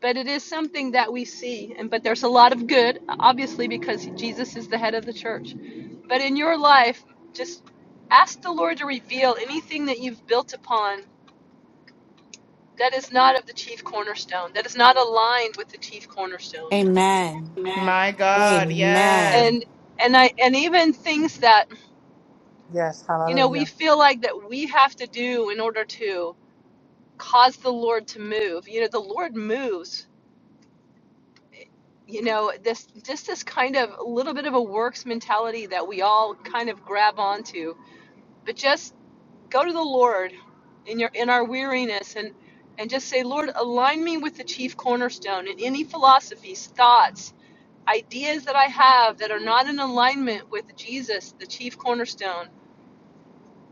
Speaker 3: But it is something that we see. And but there's a lot of good, obviously, because Jesus is the head of the church. But in your life, just ask the Lord to reveal anything that you've built upon that is not of the chief cornerstone, that is not aligned with the chief cornerstone.
Speaker 1: Amen.
Speaker 4: My God. Yes.
Speaker 1: Amen.
Speaker 3: And and I and even things that
Speaker 8: Yes,
Speaker 3: you know, we
Speaker 8: hallelujah.
Speaker 3: feel like that we have to do in order to cause the Lord to move. You know, the Lord moves. You know, this just this kind of little bit of a works mentality that we all kind of grab onto. But just go to the Lord in your in our weariness and and just say, Lord, align me with the chief cornerstone and any philosophies, thoughts, ideas that I have that are not in alignment with Jesus, the chief cornerstone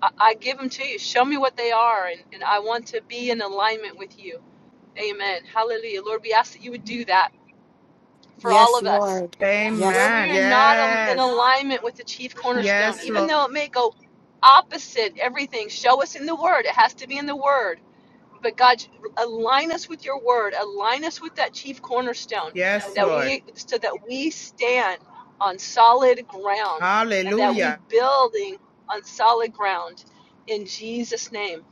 Speaker 3: I, I give them to you. Show me what they are, and, and I want to be in alignment with you. Amen. Hallelujah. Lord, we ask that you would do that for all
Speaker 1: Yes,
Speaker 3: of
Speaker 1: Lord.
Speaker 3: us. Where
Speaker 1: Yes,
Speaker 3: we
Speaker 4: Amen.
Speaker 3: are not al- in
Speaker 4: Yes.
Speaker 3: alignment with the chief cornerstone,
Speaker 4: Yes,
Speaker 3: even
Speaker 4: Lord.
Speaker 3: though it may go opposite everything, show us in the Word. It has to be in the Word. But God, align us with your word, align us with that chief cornerstone
Speaker 4: Yes,
Speaker 3: that
Speaker 4: Lord.
Speaker 3: we so that we stand on solid ground and that
Speaker 4: Hallelujah.
Speaker 3: we building on solid ground in Jesus name.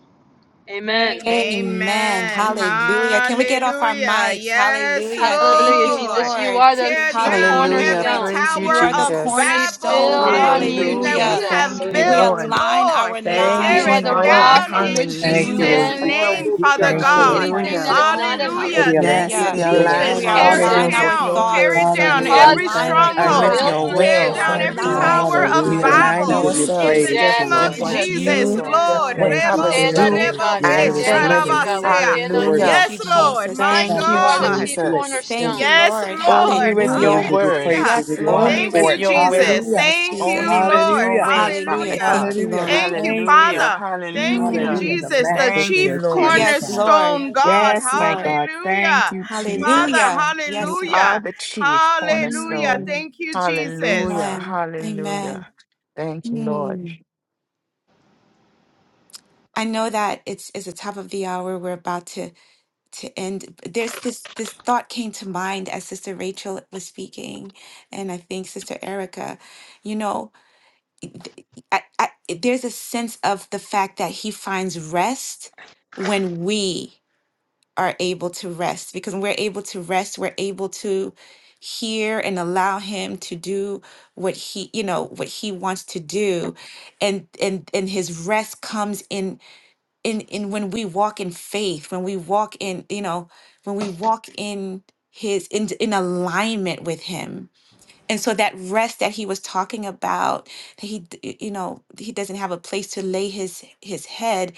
Speaker 3: Amen.
Speaker 1: Amen.
Speaker 4: Amen.
Speaker 1: Hallelujah. Can we get off our
Speaker 4: Hallelujah.
Speaker 1: mics?
Speaker 4: Yes,
Speaker 1: Hallelujah. Thank
Speaker 3: Hallelujah
Speaker 1: you,
Speaker 4: Lord.
Speaker 3: Jesus, you
Speaker 1: Lord.
Speaker 3: are the
Speaker 4: Tear
Speaker 3: chief
Speaker 4: down
Speaker 7: Hallelujah.
Speaker 4: every
Speaker 1: Hallelujah.
Speaker 3: cornerstone.
Speaker 7: Praise you,
Speaker 1: You
Speaker 4: tower
Speaker 1: are the
Speaker 4: of
Speaker 7: Jesus.
Speaker 3: We
Speaker 4: Babel,
Speaker 3: build
Speaker 1: cornerstone.
Speaker 8: Hallelujah.
Speaker 3: on
Speaker 8: Thank you,
Speaker 3: you
Speaker 4: anything that
Speaker 8: Jesus,
Speaker 7: Hallelujah.
Speaker 4: we
Speaker 1: Hallelujah.
Speaker 3: Jesus.
Speaker 7: Thank
Speaker 8: for
Speaker 4: have
Speaker 7: you,
Speaker 1: May
Speaker 8: the word of
Speaker 1: we
Speaker 8: God.
Speaker 4: built,
Speaker 7: Lord.
Speaker 1: align
Speaker 4: Lord.
Speaker 1: our
Speaker 8: Let us be in
Speaker 7: Thank
Speaker 4: Tear
Speaker 3: You
Speaker 7: you,
Speaker 3: are
Speaker 1: lives,
Speaker 4: it
Speaker 3: the
Speaker 1: Lord
Speaker 8: alignment
Speaker 7: Lord.
Speaker 1: God,
Speaker 3: rock
Speaker 4: down
Speaker 8: with
Speaker 3: on
Speaker 8: you.
Speaker 4: in
Speaker 3: which
Speaker 1: to
Speaker 3: we
Speaker 2: Thank you,
Speaker 1: you,
Speaker 4: Jesus'
Speaker 7: Hallelujah.
Speaker 2: Lord
Speaker 1: O
Speaker 3: stand.
Speaker 8: Let
Speaker 2: Jesus.
Speaker 8: your
Speaker 1: Lord,
Speaker 8: will
Speaker 4: name,
Speaker 2: We
Speaker 8: be done
Speaker 4: Father
Speaker 1: the
Speaker 2: thank you,
Speaker 8: on
Speaker 1: chief
Speaker 8: earth
Speaker 2: Lord
Speaker 4: God.
Speaker 2: God,
Speaker 8: as
Speaker 3: Anything
Speaker 8: it
Speaker 3: that
Speaker 7: Hallelujah.
Speaker 3: is
Speaker 8: is in
Speaker 3: not
Speaker 1: cornerstone.
Speaker 3: of
Speaker 8: heaven.
Speaker 3: you,
Speaker 2: for the
Speaker 4: Hallelujah. Thank
Speaker 7: Yes,
Speaker 2: alignment
Speaker 4: you,
Speaker 8: Let's
Speaker 7: we
Speaker 1: Hallelujah.
Speaker 2: with
Speaker 8: be
Speaker 2: your
Speaker 3: would you
Speaker 1: May
Speaker 2: word.
Speaker 8: in
Speaker 4: Jesus.
Speaker 1: we
Speaker 7: align
Speaker 8: alignment
Speaker 4: Tear
Speaker 3: expose
Speaker 4: it
Speaker 8: with
Speaker 3: it?
Speaker 1: align
Speaker 8: you.
Speaker 7: ourselves
Speaker 2: Hallelujah.
Speaker 7: with
Speaker 1: our
Speaker 4: down.
Speaker 7: your
Speaker 4: Tear it
Speaker 7: word,
Speaker 1: thoughts.
Speaker 3: Would you
Speaker 1: May
Speaker 4: down.
Speaker 7: Father
Speaker 1: we
Speaker 2: Hallelujah.
Speaker 3: cause
Speaker 2: We
Speaker 7: God,
Speaker 4: Every
Speaker 3: us
Speaker 1: align,
Speaker 2: thank
Speaker 3: to
Speaker 1: Lord
Speaker 2: you,
Speaker 3: be
Speaker 7: and
Speaker 2: Lord
Speaker 7: with
Speaker 4: stronghold.
Speaker 1: God,
Speaker 3: built
Speaker 7: your
Speaker 2: God.
Speaker 3: on
Speaker 8: Yes,
Speaker 4: Tear
Speaker 7: will,
Speaker 3: you?
Speaker 1: for
Speaker 8: Lord.
Speaker 4: down
Speaker 8: Let
Speaker 1: our
Speaker 7: Father
Speaker 8: us
Speaker 4: every
Speaker 8: be in
Speaker 7: God.
Speaker 1: lives,
Speaker 4: tower
Speaker 1: Lord
Speaker 8: alignment
Speaker 4: of
Speaker 8: with
Speaker 7: We
Speaker 1: God,
Speaker 8: you.
Speaker 2: Hallelujah.
Speaker 1: to
Speaker 7: align
Speaker 2: We
Speaker 4: Babel
Speaker 2: give you
Speaker 1: you,
Speaker 4: in
Speaker 7: ourselves
Speaker 4: the
Speaker 2: praise
Speaker 1: Jesus,
Speaker 8: Yes,
Speaker 4: name
Speaker 2: for
Speaker 3: Yes,
Speaker 2: it,
Speaker 4: of
Speaker 7: with
Speaker 8: Lord.
Speaker 1: to
Speaker 7: what
Speaker 2: God.
Speaker 3: Jesus.
Speaker 8: Yes,
Speaker 4: Jesus,
Speaker 1: you,
Speaker 7: you
Speaker 1: O
Speaker 8: Lord. Yes,
Speaker 4: Lord.
Speaker 1: Lord
Speaker 7: would
Speaker 8: Lord.
Speaker 3: We
Speaker 2: Thank
Speaker 7: have
Speaker 2: you
Speaker 4: Rebo,
Speaker 2: for
Speaker 7: us
Speaker 1: the
Speaker 3: stand
Speaker 2: your
Speaker 8: Hallelujah.
Speaker 3: on
Speaker 1: chief
Speaker 7: do
Speaker 3: you,
Speaker 2: word.
Speaker 4: serebo,
Speaker 3: God.
Speaker 2: Your
Speaker 3: We
Speaker 4: que
Speaker 7: and
Speaker 2: word is
Speaker 1: cornerstone.
Speaker 3: stand
Speaker 7: think.
Speaker 3: on you,
Speaker 2: living.
Speaker 3: God. We
Speaker 1: Hallelujah.
Speaker 4: sharabasea.
Speaker 3: stand
Speaker 2: Your
Speaker 3: on
Speaker 2: word
Speaker 3: you.
Speaker 2: is
Speaker 7: Hallelujah.
Speaker 1: Thank you,
Speaker 4: Yes, Lord.
Speaker 2: powerful,
Speaker 1: Jesus.
Speaker 4: My
Speaker 1: Thank you,
Speaker 7: Thank
Speaker 2: sharper
Speaker 7: you,
Speaker 3: You are
Speaker 2: than
Speaker 3: the
Speaker 1: Lord.
Speaker 4: God.
Speaker 2: any
Speaker 3: chief
Speaker 2: two-edged
Speaker 7: Jesus.
Speaker 1: Thank
Speaker 2: sword.
Speaker 1: you,
Speaker 3: cornerstone.
Speaker 4: Yes,
Speaker 1: Lord.
Speaker 7: Only
Speaker 4: Lord.
Speaker 7: with
Speaker 2: Father, we
Speaker 7: your
Speaker 1: Hallelujah.
Speaker 2: give you
Speaker 7: word,
Speaker 2: praise. We
Speaker 4: Hallelujah.
Speaker 1: Yes,
Speaker 2: give you honor
Speaker 7: only
Speaker 1: Lord.
Speaker 4: Thank
Speaker 2: for
Speaker 7: with
Speaker 2: it.
Speaker 4: you,
Speaker 7: your
Speaker 4: Jesus.
Speaker 7: will,
Speaker 2: Hallelujah.
Speaker 1: Yes,
Speaker 4: Thank you,
Speaker 7: only
Speaker 1: Jesus.
Speaker 7: with
Speaker 4: Lord.
Speaker 7: your
Speaker 2: Hallelujah.
Speaker 7: ways, Father
Speaker 1: Hallelujah.
Speaker 4: Hallelujah.
Speaker 7: God.
Speaker 1: Thank you,
Speaker 2: Hallelujah. We
Speaker 1: Lord.
Speaker 4: Thank you,
Speaker 2: thank you.
Speaker 7: Hallelujah,
Speaker 4: Father. Thank you,
Speaker 7: hallelujah.
Speaker 2: Hallelujah. In
Speaker 1: Mm.
Speaker 2: The
Speaker 4: Jesus, the
Speaker 2: matchless
Speaker 7: Thank
Speaker 2: name
Speaker 7: you,
Speaker 4: chief
Speaker 2: of
Speaker 7: Lord.
Speaker 2: Jesus
Speaker 1: Yes,
Speaker 2: Christ.
Speaker 1: Lord.
Speaker 4: cornerstone God.
Speaker 1: Yes,
Speaker 7: Yes, my
Speaker 1: Lord.
Speaker 7: God. Thank
Speaker 4: Hallelujah.
Speaker 7: you,
Speaker 4: Father,
Speaker 7: Jesus.
Speaker 1: Hallelujah.
Speaker 7: You
Speaker 1: Yes,
Speaker 7: are
Speaker 1: Lord.
Speaker 4: hallelujah.
Speaker 7: the chief
Speaker 4: Hallelujah.
Speaker 7: cornerstone.
Speaker 1: Mm.
Speaker 4: Thank you, Jesus.
Speaker 7: Hallelujah,
Speaker 1: Amen. Amen.
Speaker 7: hallelujah. Thank you, Lord.
Speaker 1: Mm. I know that it's, it's the top of the hour. We're about to to end there's this this thought came to mind as sister rachel was speaking and i think sister erica you know th- I, I, there's a sense of the fact that he finds rest when we are able to rest because when we're able to rest we're able to hear and allow him to do what he you know what he wants to do and and and his rest comes in in in when we walk in faith when we walk in you know when we walk in his in in alignment with him and so that rest that he was talking about that he d- y- you know he doesn't have a place to lay his his head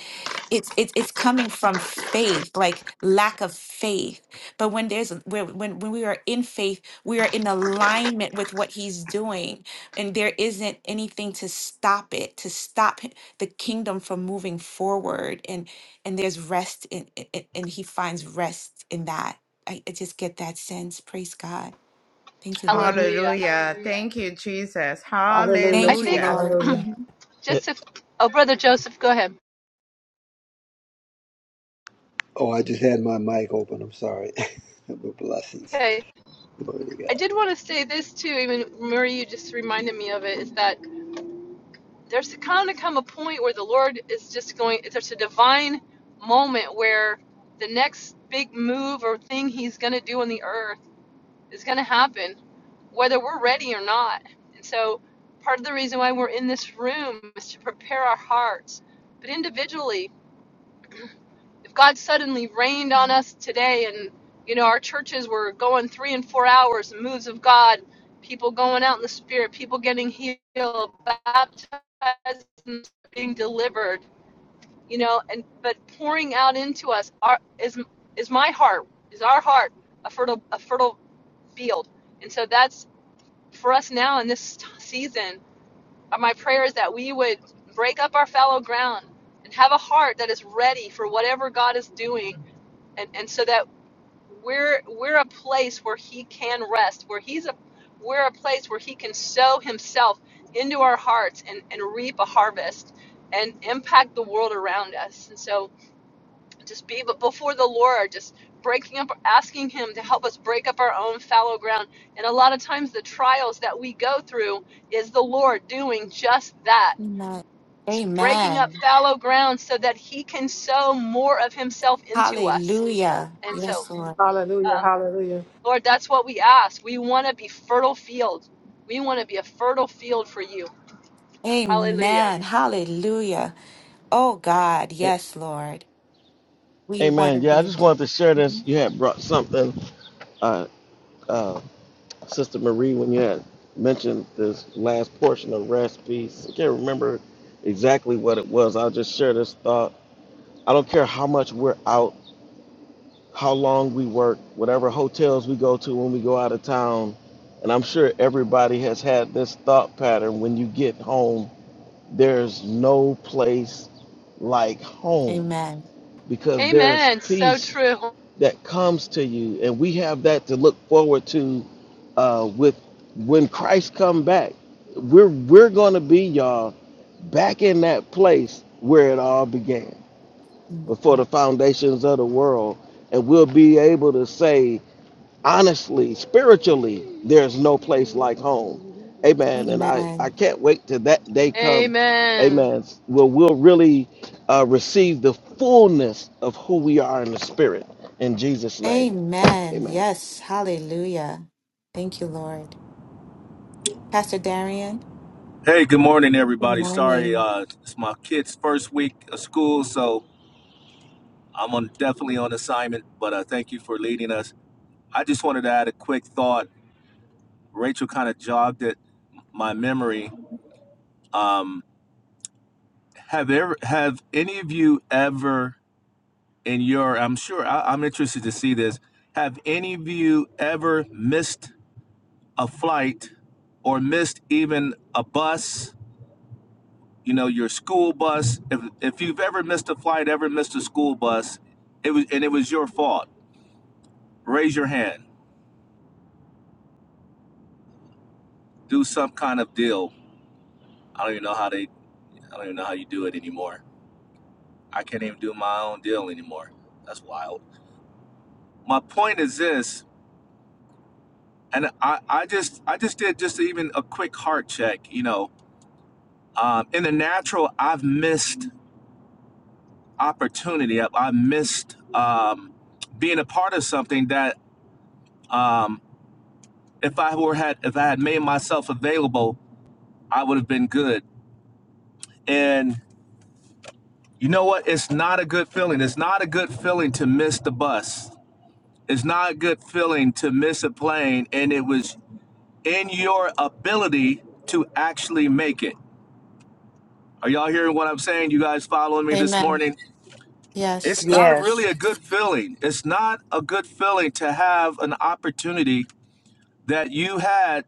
Speaker 1: it's it's it's coming from faith like lack of faith but when there's when when when we are in faith we are in alignment with what he's doing and there isn't anything to stop it to stop h- the kingdom from moving forward and and there's rest in i- i- and he finds rest in that i, I just get that sense praise god thank you lord
Speaker 3: Hallelujah.
Speaker 4: Hallelujah. Thank you, Jesus.
Speaker 3: I
Speaker 8: Hallelujah.
Speaker 1: Thank you,
Speaker 3: think,
Speaker 4: Hallelujah.
Speaker 1: Lord.
Speaker 8: Hallelujah.
Speaker 1: Mhm.
Speaker 6: A-
Speaker 3: just if, oh, Brother Joseph, go ahead.
Speaker 5: Oh, I just had my mic open. I'm sorry. Blessings.
Speaker 3: Okay.
Speaker 5: Glory to
Speaker 3: I
Speaker 5: God.
Speaker 3: did want to say this too, even Marie, you just reminded me of it, is that there's kind of come a point where the Lord is just going, there's a divine moment where the next big move or thing He's going to do on the earth It's going to happen, whether we're ready or not. And so, part of the reason why we're in this room is to prepare our hearts. But individually, if God suddenly rained on us today and you know, our churches were going three and four hours, moves of God, people going out in the spirit, people getting healed, baptized, and being delivered, you know, and but pouring out into us our, is is my heart, is our heart a fertile a fertile field. And so that's for us now in this season, uh, my prayer is that we would break up our fallow ground and have a heart that is ready for whatever God is doing, and, and so that we're we're a place where He can rest, where He's a we're a place where He can sow Himself into our hearts and, and reap a harvest and impact the world around us. And so just be but before the Lord, just breaking up, asking Him to help us break up our own fallow ground. And a lot of times, the trials that we go through is the Lord doing just that.
Speaker 1: Amen.
Speaker 3: He's breaking up
Speaker 1: Amen.
Speaker 3: fallow ground so that He can sow more of Himself into us.
Speaker 1: Hallelujah.
Speaker 3: And so,
Speaker 1: Yes, Lord.
Speaker 8: Hallelujah.
Speaker 3: um,
Speaker 8: Hallelujah.
Speaker 3: Lord, that's what we ask. We want to be fertile field. We want to be a fertile field for You. Hallelujah.
Speaker 1: Amen. Hallelujah. Oh, God.
Speaker 6: a-
Speaker 1: Yes, Lord. We want
Speaker 6: Amen.
Speaker 1: to
Speaker 6: Yeah, I
Speaker 1: be.
Speaker 6: just wanted to share this. You
Speaker 1: Mhm.
Speaker 6: had brought something, uh, uh, Sister Marie, when you had mentioned this last portion of rest piece. I can't remember exactly what it was. I'll just share this thought. I don't care how much we're out. how long we work, whatever hotels we go to when we go out of town. And I'm sure everybody has had this thought pattern when you get home, there's no place like home
Speaker 1: Amen.
Speaker 6: because there's
Speaker 3: Amen. So
Speaker 6: peace
Speaker 3: true.
Speaker 6: that comes to you. And we have that to look forward to uh, with when Christ come back. We're, we're going to be, y'all, back in that place where it all began before the foundations of the world. And we'll be able to say, honestly, spiritually, there's no place like home. Amen. And I, I
Speaker 1: Amen.
Speaker 6: can't wait till that day come.
Speaker 3: Amen.
Speaker 6: Amen. Where we'll really uh, receive the fullness of who we are in the spirit. In Jesus' name.
Speaker 1: Amen.
Speaker 6: Amen.
Speaker 1: Yes. Hallelujah. Thank you, Lord. Pastor Darian,
Speaker 9: Hey, good morning,
Speaker 1: good
Speaker 9: everybody. Sorry,
Speaker 1: morning.
Speaker 9: uh, it's my kid's first week of school, so I'm on, definitely on assignment, but uh, thank you for leading us. I just wanted to add a quick thought. Rachel kind of jogged at my memory. Um, have ever have any of you ever in your I'm sure I, I'm interested to see this. Have any of you ever missed a flight or missed even a bus you know your school bus if, if you've ever missed a flight ever missed a school bus it was and it was your fault raise your hand do some kind of deal i don't even know how they i don't even know how you do it anymore i can't even do my own deal anymore that's wild my point is this and i i just i just did just even a quick heart check you know um, in the natural i've missed opportunity i've, i missed um, being a part of something that um, if I were had if I had made myself available, I would have been good. And you know what? It's not a good feeling. It's not a good feeling to miss the bus. It's not a good feeling to miss a plane and it was in your ability to actually make it. Are y'all hearing what I'm saying? You guys following me this
Speaker 1: Amen.
Speaker 9: morning? It's
Speaker 1: Yes.
Speaker 9: not really a
Speaker 2: Yes.
Speaker 9: good feeling. It's not a good feeling to have an opportunity that you had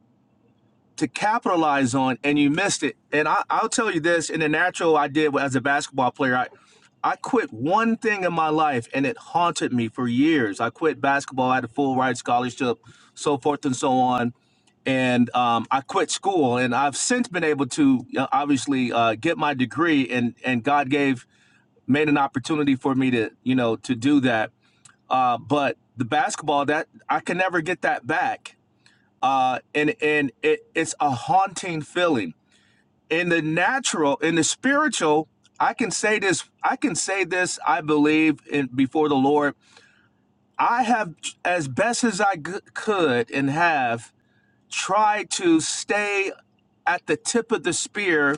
Speaker 9: to capitalize on and you missed it. And I, I'll tell you this in the natural I did as a basketball player, I, I quit one thing in my life and it haunted me for years. I quit basketball, I had a full ride scholarship, so forth and so on. And um, I quit school, and I've since been able to uh, obviously uh, get my degree, and and God gave made an opportunity for me to you know to do that. Uh, but the basketball that I can never get that back uh, and and it, it's a haunting feeling. In the natural, in the spiritual, I can say this. I can say this. I believe in before the Lord. I have, as best as I g- could, and have tried to stay at the tip of the spear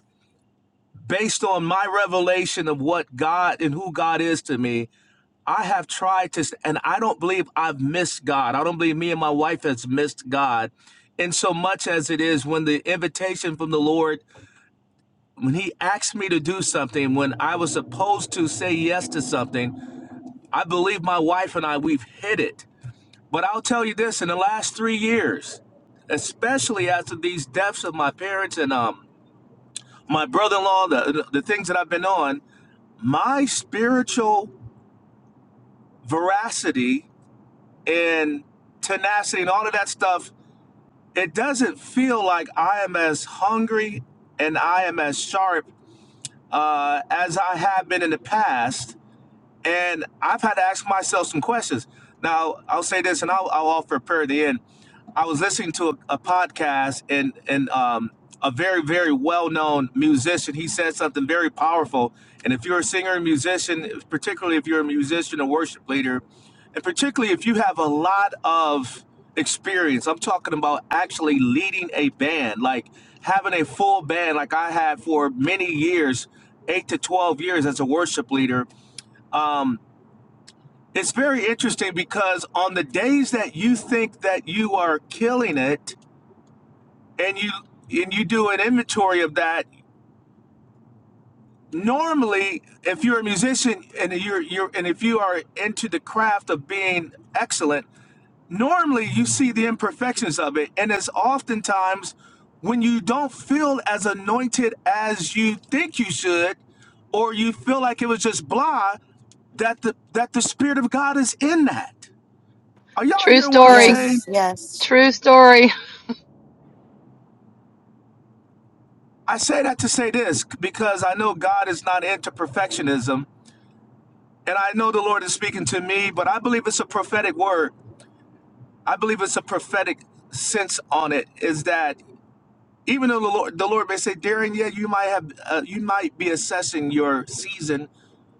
Speaker 9: based on my revelation of what God and who God is to me I have tried to, and I don't believe I've missed God. I don't believe me and my wife has missed God in so much as it is when the invitation from the Lord, when He asked me to do something, when I was supposed to say yes to something, I believe my wife and I, we've hit it. But I'll tell you this in the last three years, especially after these deaths of my parents and um, my brother in law, the the things that I've been on, my spiritual veracity and tenacity and all of that stuff, it doesn't feel like I am as hungry and I am as sharp uh, as I have been in the past. And I've had to ask myself some questions. Now, I'll say this and I'll, I'll offer a prayer at the end. I was listening to a, a podcast and, and um, a very, very well known musician. He said something very powerful. And if you're a singer and musician, particularly if you're a musician and worship leader, and particularly if you have a lot of experience, I'm talking about actually leading a band, like having a full band, like I had for many years, eight to 12 years as a worship leader. Um, it's very interesting because on the days that you think that you are killing it and you and you do an inventory of that, normally if you're a musician and you're you're and if you are into the craft of being excellent, normally you see the imperfections of it and it's oftentimes when you don't feel as anointed as you think you should or you feel like it was just blah that the that the spirit of God is in that. Are y'all
Speaker 3: True
Speaker 9: hearing what I'm
Speaker 3: story.
Speaker 9: saying?
Speaker 1: Yes. Yes.
Speaker 3: True story.
Speaker 9: I say that to say this because I know God is not into perfectionism. And I know the Lord is speaking to me, but I believe it's a prophetic word. I believe it's a prophetic sense on it is that even though the Lord, the Lord may say, Darren, yeah, you might have, uh, you might be assessing your season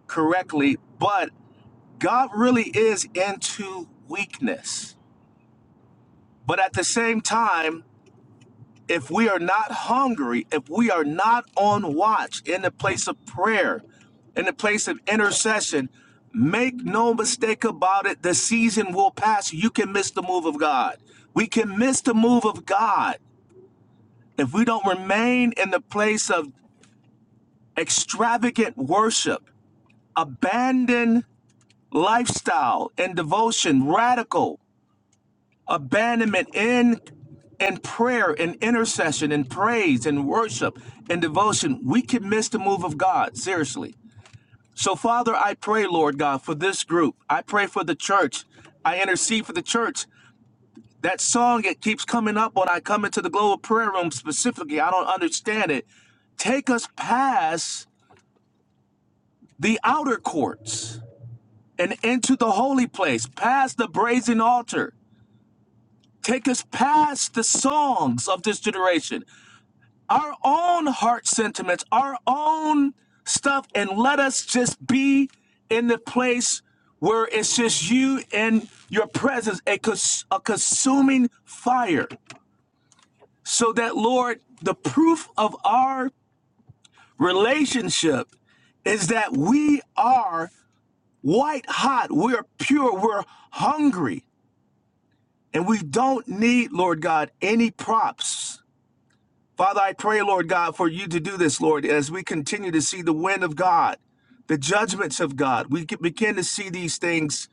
Speaker 9: correctly, but God really is into weakness. But at the same time, If we are not hungry, if we are not on watch in the place of prayer, in the place of intercession, make no mistake about it, the season will pass. You can miss the move of God. We can miss the move of God if we don't remain in the place of extravagant worship, abandon lifestyle and devotion, radical. abandonment in in prayer in intercession in praise in worship in devotion we can miss the move of god seriously so father i pray lord god for this group i pray for the church i intercede for the church that song it keeps coming up when i come into the global prayer room specifically i don't understand it take us past the outer courts and into the holy place, past the brazen altar. Take us past the songs of this generation our own heart sentiments, our own stuff, and let us just be in the place where it's just you and your presence, a, cons- a consuming fire, so that, Lord, the proof of our relationship is that we are white hot, we're pure, we're hungry, and we don't need, Lord God, any props. Father, I pray, Lord God, for you to do this, Lord, as we continue to see the wind of God, the judgments of God. We can- begin to see these things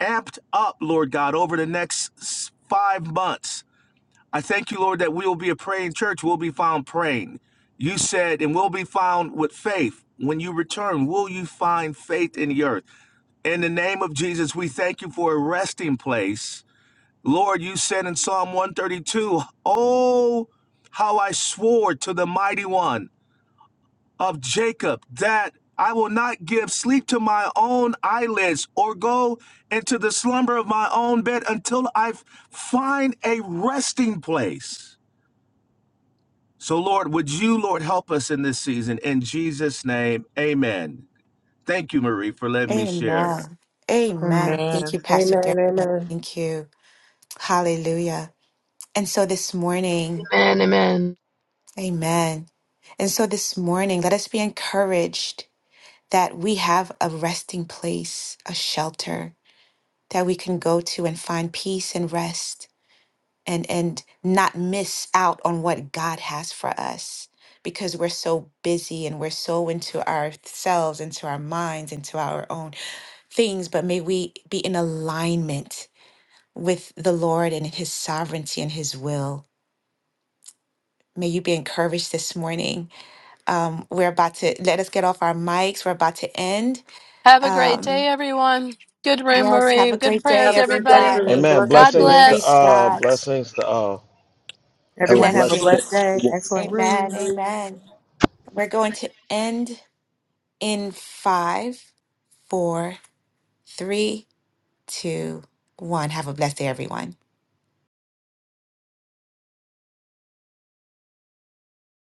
Speaker 9: amped up, Lord God, over the next s- five months. I thank you, Lord, that we will be a praying church. We'll be found praying. You said, and we'll be found with faith. When you return, will you find faith in the earth? In the name of Jesus, we thank you for a resting place Lord, you said in Psalm 132, Oh, how I swore to the mighty one of Jacob that I will not give sleep to my own eyelids or go into the slumber of my own bed until I f- find a resting place. So, Lord, would you, Lord, help us in this season? In Jesus' name, amen. Thank you, Marie, for letting me share.
Speaker 1: Amen. Amen. Thank
Speaker 2: Amen.
Speaker 1: you, Pastor Darian.
Speaker 8: Amen. Amen.
Speaker 1: Thank you. Hallelujah. And so this morning,
Speaker 3: Amen. Amen.
Speaker 1: amen. And so this morning, let us be encouraged that we have a resting place, a shelter that we can go to and find peace and rest and, and not miss out on what God has for us because we're so busy and we're so into ourselves, into our minds, into our own things. But may we be in alignment with the Lord and His sovereignty and His will. May you be encouraged this morning Um, we're about to let us get off our mics. We're about to end.
Speaker 3: Have a great day,
Speaker 1: Um,
Speaker 3: everyone. Good room,
Speaker 1: yes,
Speaker 3: Marie.
Speaker 1: have a
Speaker 3: Good
Speaker 1: great
Speaker 3: prayers,
Speaker 1: day,
Speaker 8: Have a great day,
Speaker 3: everybody.
Speaker 8: everyone.
Speaker 1: everybody.
Speaker 6: Amen.
Speaker 8: Blessings
Speaker 3: God
Speaker 8: to
Speaker 6: Blessings
Speaker 8: you.
Speaker 6: to
Speaker 3: bless.
Speaker 1: Praise
Speaker 6: all.
Speaker 1: God.
Speaker 6: Blessings to all.
Speaker 5: Have a
Speaker 2: Everyone have a
Speaker 5: blessed day,
Speaker 2: blessed
Speaker 1: Blessings.
Speaker 5: everyone.
Speaker 2: day. Excellent room.
Speaker 1: Amen. Amen. We're going to end in five, four, three, two, one. Have a blessed day, everyone.